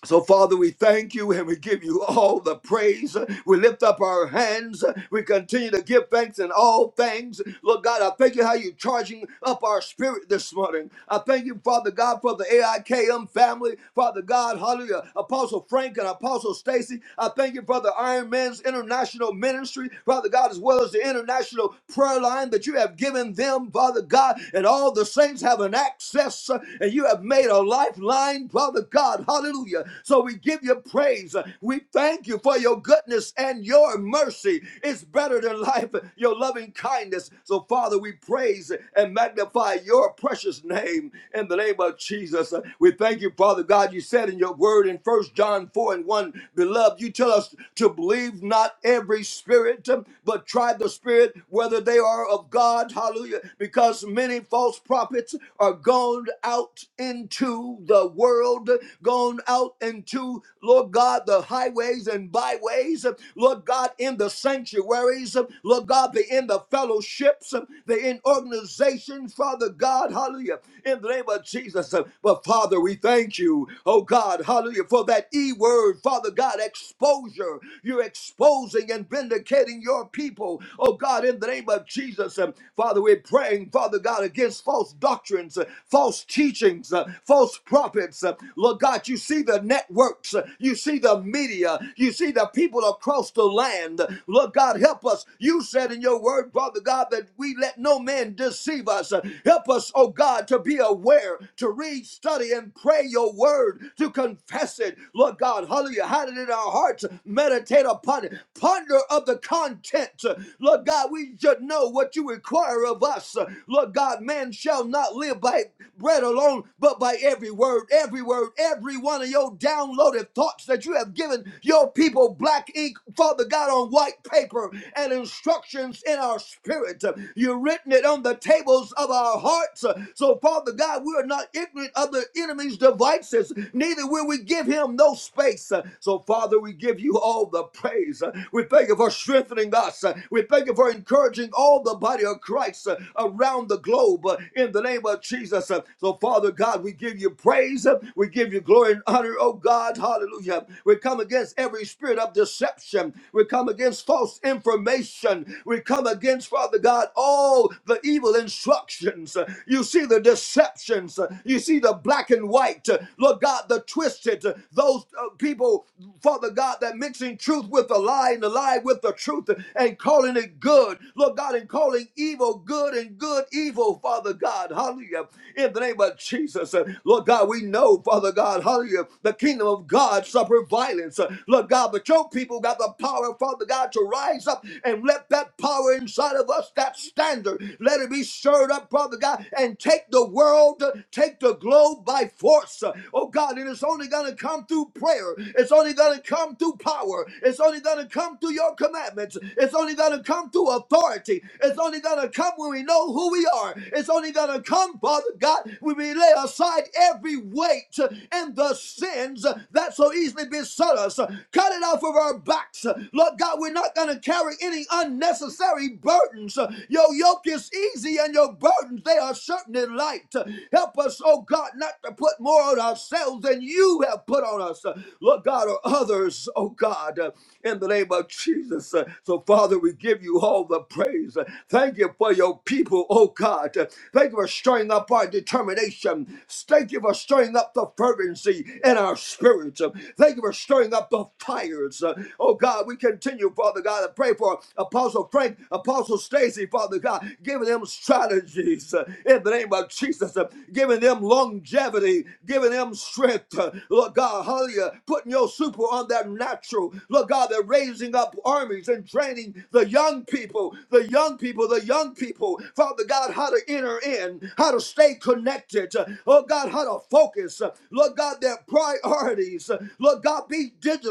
So, Father, we thank you and we give you all the praise. We lift up our hands. We continue to give thanks in all things. Lord God, I thank you how you're charging up our spirit this morning. I thank you, Father God, for the AIKM family. Father God, hallelujah. Apostle Frank and Apostle Stacy. I thank you for the Iron Man's International Ministry, Father God, as well as the International Prayer Line that you have given them, Father God, and all the saints have an access uh, and you have made a lifeline, Father God. Hallelujah. So we give you praise. We thank you for your goodness and your mercy. It's better than life, your loving kindness. So, Father, we praise and magnify your precious name in the name of Jesus. We thank you, Father God. You said in your word in First John 4 and 1, beloved, you tell us to believe not every spirit, but try the spirit whether they are of God. Hallelujah. Because many false prophets are gone out into the world the, gone out into, Lord God, the highways and byways, uh, Lord God, in the sanctuaries, uh, Lord God, they're in the fellowships, uh, they're in organizations, Father God, hallelujah, in the name of Jesus. uh, But Father, we thank you, oh God, hallelujah, for that E word, Father God, exposure. You're exposing and vindicating your people, oh God, in the name of Jesus. um, Father, we're praying, Father God, against false doctrines, uh, false teachings, uh, false prophets pulpits. Uh, Lord God, you see the networks, Uh, you see the media, you see the people across the land. Lord God, help us. You said in your word, Father God, that we let no man deceive us. Uh, Help us, oh God, to be aware, to read, study, and pray your word, to confess it. Lord God, hallelujah, hide it in our hearts, meditate upon it, ponder of the content. Uh, Lord God, we should know what you require of us. Uh, Lord God, man shall not live by bread alone, but by every every word, every word, every one of your downloaded thoughts that you have given your people, black ink, Father God, on white paper and instructions in our spirit. You've written it on the tables of our hearts. So, Father God, we are not ignorant of the enemy's devices, neither will we give him no space. So, Father, we give you all the praise. We thank you for strengthening us. We thank you for encouraging all the body of Christ around the globe in the name of Jesus. So, Father God, God, we give you praise. We give you glory and honor, oh God. Hallelujah. We come against every spirit of deception. We come against false information. We come against, Father God, all the evil instructions. You see the deceptions. You see the black and white. Lord God, the twisted. Those uh, people, Father God, that mixing truth with the lie and the lie with the truth and calling it good. Lord God, and calling evil good and good evil, Father God. Hallelujah. In the name of of Jesus. Uh, Lord God, we know, Father God, hallelujah, the kingdom of God suffer violence. Uh, Lord God, but your people got the power, Father God, to rise up and let that power inside of us, that standard, let it be stirred up, Father God, and take the world, uh, take the globe by force. Uh, Oh God, it is only going to come through prayer. It's only going to come through power. It's only going to come through your commandments. It's only going to come through authority. It's only going to come when we know who we are. It's only going to come, Father God. God, we lay aside every weight and the sins that so easily beset us. Cut it off of our backs. Lord God, we're not going to carry any unnecessary burdens. Your yoke is easy and your burdens, they are certainly light. Help us, oh God, not to put more on ourselves than you have put on us. Lord God, or others, oh God, in the name of Jesus. So, Father, we give you all the praise. Thank you for your people, oh God. Thank you for strength stirring up our determination. Thank you for stirring up the fervency in our spirits. Thank you for stirring up the fires. Oh God, we continue, Father God, to pray for Apostle Frank, Apostle Stacy, Father God, giving them strategies uh, in the name of Jesus, uh, giving them longevity, giving them strength. uh, Lord God, hallelujah, putting your super on that natural. Lord God, they're raising up armies and training the young people, the young people, the young people, Father God, how to enter in in, how to stay connected, uh, oh God, how to focus, uh, Lord God, their priorities, uh, Lord God, be diligent.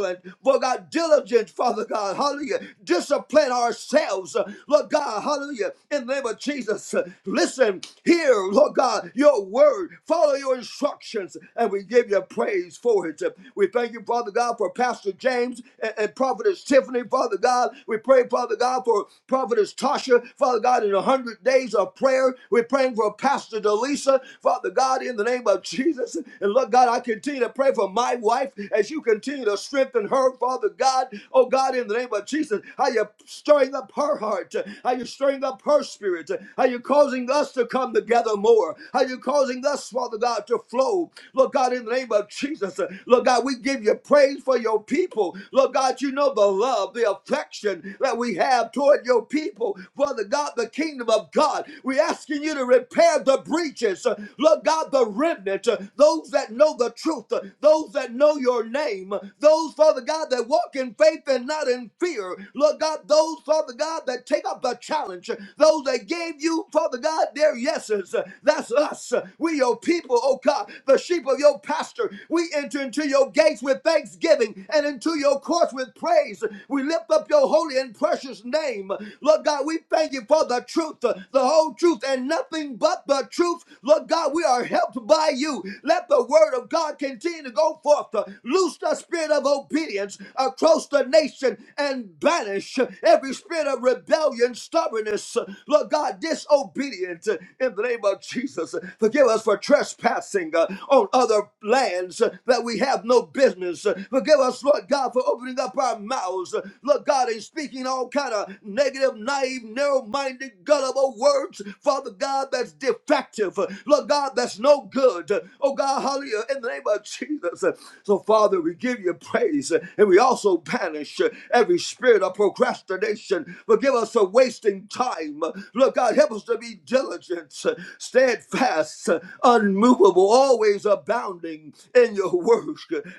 Lord God, diligent, Father God, hallelujah, discipline ourselves, uh, Lord God, hallelujah, in the name of Jesus, uh, listen, hear, Lord God, your word, follow your instructions, and we give you praise for it. Uh, We thank you, Father God, for Pastor James and, and Prophetess Tiffany, Father God, we pray, Father God, for Prophetess Tasha, Father God, in a hundred days of prayer, we're praying for Pastor Delisa, Father God, in the name of Jesus. And Lord God, I continue to pray for my wife as you continue to strengthen her, Father God. Oh God, in the name of Jesus, how you stirring up her heart, how you stirring up her spirit, how you causing us to come together more, how you causing us, Father God, to flow. Lord God, in the name of Jesus, Lord God, we give you praise for your people. Lord God, you know the love, the affection that we have toward your people. Father God, the kingdom of God. We're asking you to repair the breaches. Uh, Lord God, the remnant, uh, those that know the truth, uh, those that know your name, uh, those, Father God, that walk in faith and not in fear. Lord God, those, Father God, that take up the challenge, uh, those that gave you, Father God, their yeses. Uh, That's us. Uh, We, your people, oh God, the sheep of your pasture. We enter into your gates with thanksgiving and into your courts with praise. We lift up your holy and precious name. Lord God, we thank you for the truth the whole truth and nothing but the truth. Lord God, we are helped by you. Let the word of God continue to go forth. Uh, Loose the spirit of obedience across the nation and banish every spirit of rebellion, stubbornness. uh, Lord God, disobedient uh, in the name of Jesus. Forgive us for trespassing uh, on other lands uh, that we have no business. Uh, Forgive us, Lord God, for opening up our mouths. Uh, Lord God, and speaking all kind of negative, naive, narrow-minded every gullible words, Father God, that's defective. Lord God, that's no good. Oh God, hallelujah, in the name of Jesus. So, Father, we give you praise and we also banish every spirit of procrastination. Forgive us for wasting time. Lord God, help us to be diligent, steadfast, unmovable, always abounding in your work.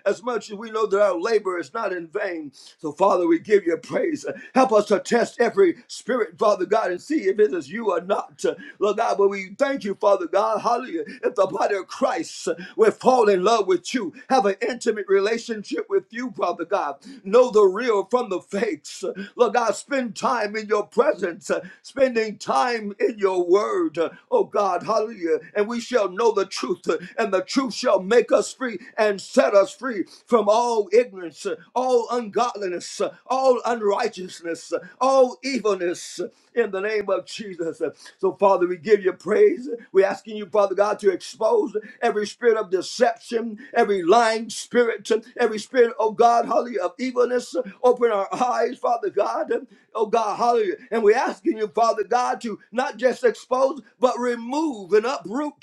As much as we know that our labor is not in vain. So, Father, we give you praise. Help us to test every spirit, Father. God, and see if it is you or not. Lord God, but we thank you, Father God, hallelujah. If the body of Christ will fall in love with you, have an intimate relationship with you, Father God, know the real from the fakes. Lord God, spend time in your presence, spending time in your word, oh God, hallelujah. And we shall know the truth, and the truth shall make us free and set us free from all ignorance, all ungodliness, all unrighteousness, all evilness, Jesus, in the name of Jesus. So, Father, we give you praise. We're asking you, Father God, to expose every spirit of deception, every lying spirit, every spirit, oh God, hallelujah, of evilness. Open our eyes, Father God, oh God, hallelujah. And we're asking you, Father God, to not just expose, but remove and uproot,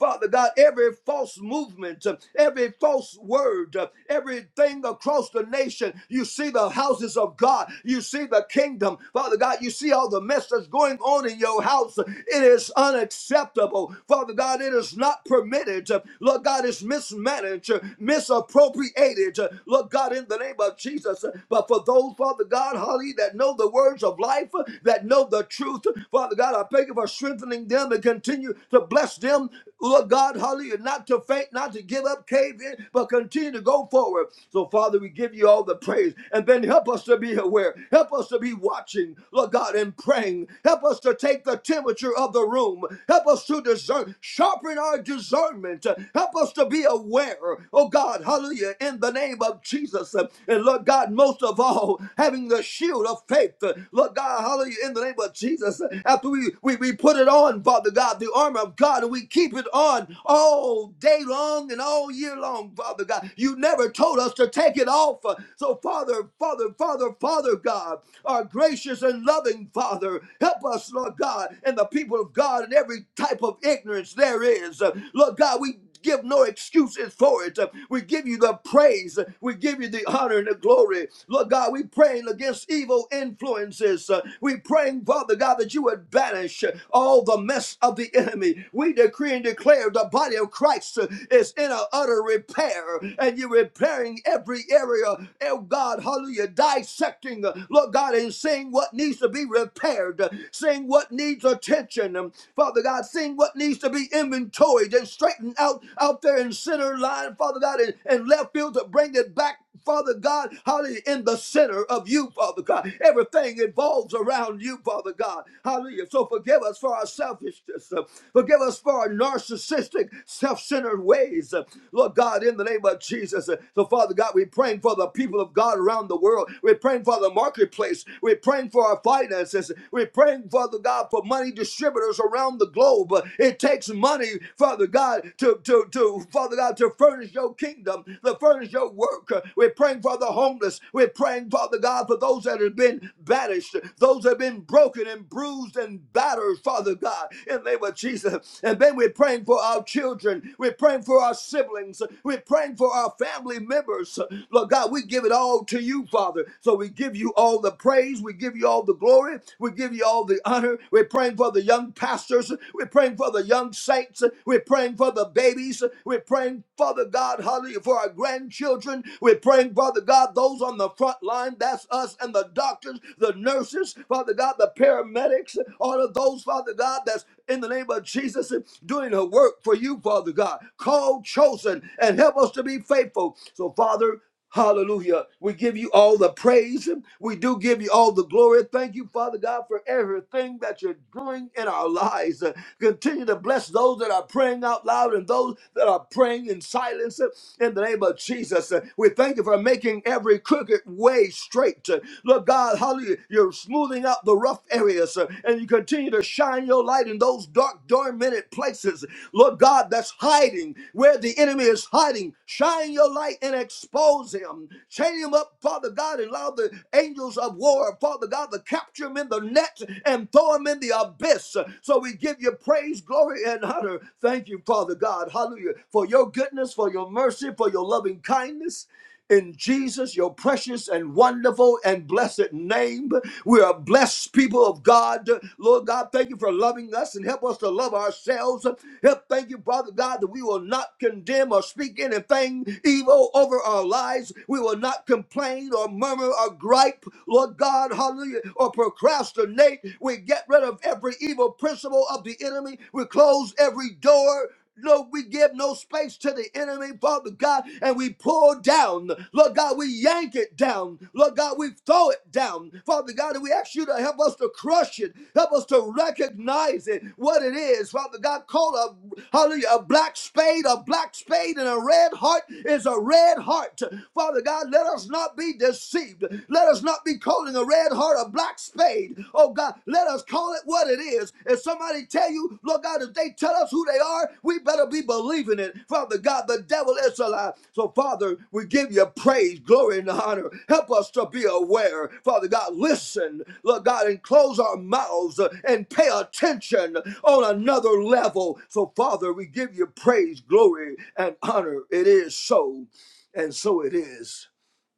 Father God, every false movement, every false word, everything across the nation. You see the houses of God, you see the kingdom, Father. Father God, you see all the mess that's going on in your house. It is unacceptable. Father God, it is not permitted. Lord God, it's mismanaged, misappropriated. Lord God, in the name of Jesus. But for those, Father God, Holly, that know the words of life, that know the truth, Father God, I thank you for strengthening them and continue to bless them. Lord God, hallelujah, not to faint, not to give up, cave in, but continue to go forward. So, Father, we give you all the praise. And then help us to be aware. Help us to be watching, Lord God, and praying. Help us to take the temperature of the room. Help us to discern, sharpen our discernment. Help us to be aware, oh God, hallelujah, in the name of Jesus. And Lord God, most of all, having the shield of faith. Lord God, hallelujah, in the name of Jesus. After we, we, we put it on, Father God, the armor of God, and we keep it on all day long and all year long, Father God. You never told us to take it off. So, Father, Father, Father, Father, God our gracious and loving Father. Help us, Lord God, and the people of God in every type of ignorance there is. Uh, Lord God, we give no excuses for it. Uh, We give you the praise. Uh, We give you the honor and the glory. Lord God, we praying against evil influences. Uh, We praying, Father God, that you would banish uh, all the mess of the enemy. We decree and declare the body of Christ uh, is in a utter repair, and you're repairing every area. Oh God, hallelujah, dissecting teaching, uh, Lord God, and seeing what needs to be repaired, uh, seeing what needs attention, um, Father God, seeing what needs to be inventoried and straightened out out there in center line, Father God, and, and left field to bring it back. Father God, hallelujah, in the center of you, Father God. Everything evolves around you, Father God. Hallelujah. So forgive us for our selfishness. uh, Forgive us for our narcissistic, self centered ways. uh, Lord God, in the name of Jesus. Uh, So, Father God, we're praying for the people of God around the world. We're we're praying for the marketplace. We're praying for our finances. We're praying, Father God, for money distributors around the globe. It takes money, Father God, to, to, to Father God, to furnish your kingdom, to furnish your work. We're praying for the homeless. We're praying, Father God, for those that have been banished, those that have been broken and bruised and battered, Father God, in the name of Jesus. And then we're praying for our children. We're praying for our siblings. We're praying for our family members. Lord God, we give it all to you, Father. So we give you all the praise. We give you all the glory. We give you all the honor. We're praying for the young pastors. We're praying for the young saints. We're praying for the babies. We're praying, Father God, hallelujah, for our grandchildren. We're praying, Father God, those on the front line. That's us and the doctors, the nurses, Father God, the paramedics, all of those, Father God, that's in the name of Jesus doing her work for you, Father God. Called, chosen, and help us to be faithful. So, Father, Hallelujah. We give you all the praise. We do give you all the glory. Thank you, Father God, for everything that you're doing in our lives. Uh, Continue to bless those that are praying out loud and those that are praying in silence uh, in the name of Jesus. Uh, We thank you for making every crooked way straight. Uh, Lord God, hallelujah. You're smoothing out the rough areas uh, and you continue to shine your light in those dark, dormant places. Lord God, that's hiding where the enemy is hiding. Shine your light and expose expose him, chain him up, Father God, and allow the angels of war, Father God, to capture him in the net and throw him in the abyss. So we give you praise, glory, and honor. Thank you, Father God, hallelujah, for your goodness, for your mercy, for your loving kindness. In Jesus, your precious and wonderful and blessed name, we are blessed people of God. Lord God, thank you for loving us and help us to love ourselves. Help, thank you, Father God, that we will not condemn or speak anything evil over our lives. We will not complain or murmur or gripe, Lord God, hallelujah, or procrastinate. We get rid of every evil principle of the enemy. We close every door. Lord, we give no space to the enemy, Father God, and we pull down. Lord God, we yank it down. Lord God, we throw it down. Father God, and we ask you to help us to crush it. Help us to recognize it, what it is. Father God, call a hallelujah, a black spade, a black spade, and a red heart is a red heart. Father God, let us not be deceived. Let us not be calling a red heart a black spade spade. Oh God, let us call it what it is. If somebody tell you, Lord God, if they tell us who they are, we better be believing it. Father God, the devil is a lie. So Father, we give you praise, glory, and honor. Help us to be aware. Father God, listen, Lord God, and close our mouths uh, and pay attention on another level. So Father, we give you praise, glory, and honor. It is so, and so it is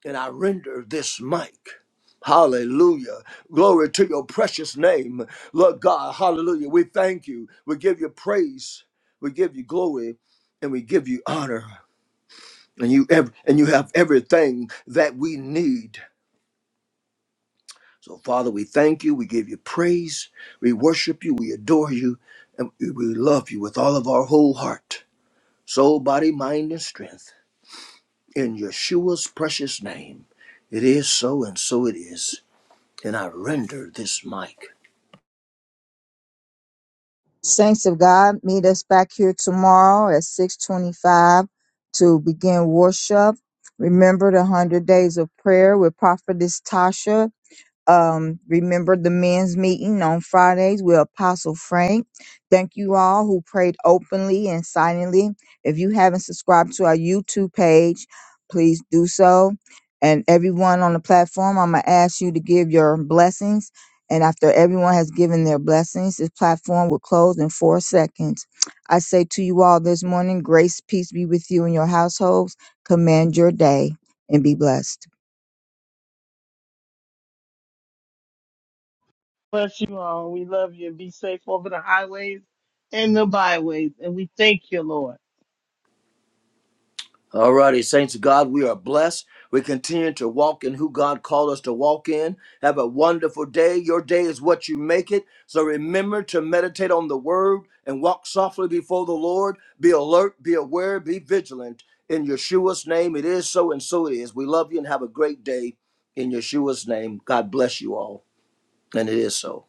and I render this mic. Hallelujah. Glory to your precious name. Lord God, hallelujah. We thank you. We give you praise. We give you glory and we give you honor. And you ev- and you have everything that we need. So Father, we thank you. We give you praise. We worship you. We adore you. And we we love you with all of our whole heart, soul, body, mind, and strength. In Yeshua's precious name. It is so and so it is. then I render this mic.
Saints of God, meet us back here tomorrow at 625 to begin worship. Remember the 100 days of prayer with Prophetess Tasha Um, remember the men's meeting on Fridays with Apostle Frank. Thank you all who prayed openly and silently. If you haven't subscribed to our YouTube page, please do so. And everyone on the platform, I'm going to ask you to give your blessings. And after everyone has given their blessings, this platform will close in four seconds. I say to you all this morning, grace, peace be with you and your households. Command your day and be blessed.
Bless you all. We love you. Be safe over the highways and the byways. And we thank you, Lord.
Alrighty, saints of God, we are blessed. We continue to walk in who God called us to walk in. Have a wonderful day. Your day is what you make it. So remember to meditate on the word and walk softly before the Lord. Be alert, be aware, be vigilant. In Yeshua's name, it is so and so it is. We love you and have a great day. In Yeshua's name, God bless you all. And it is so.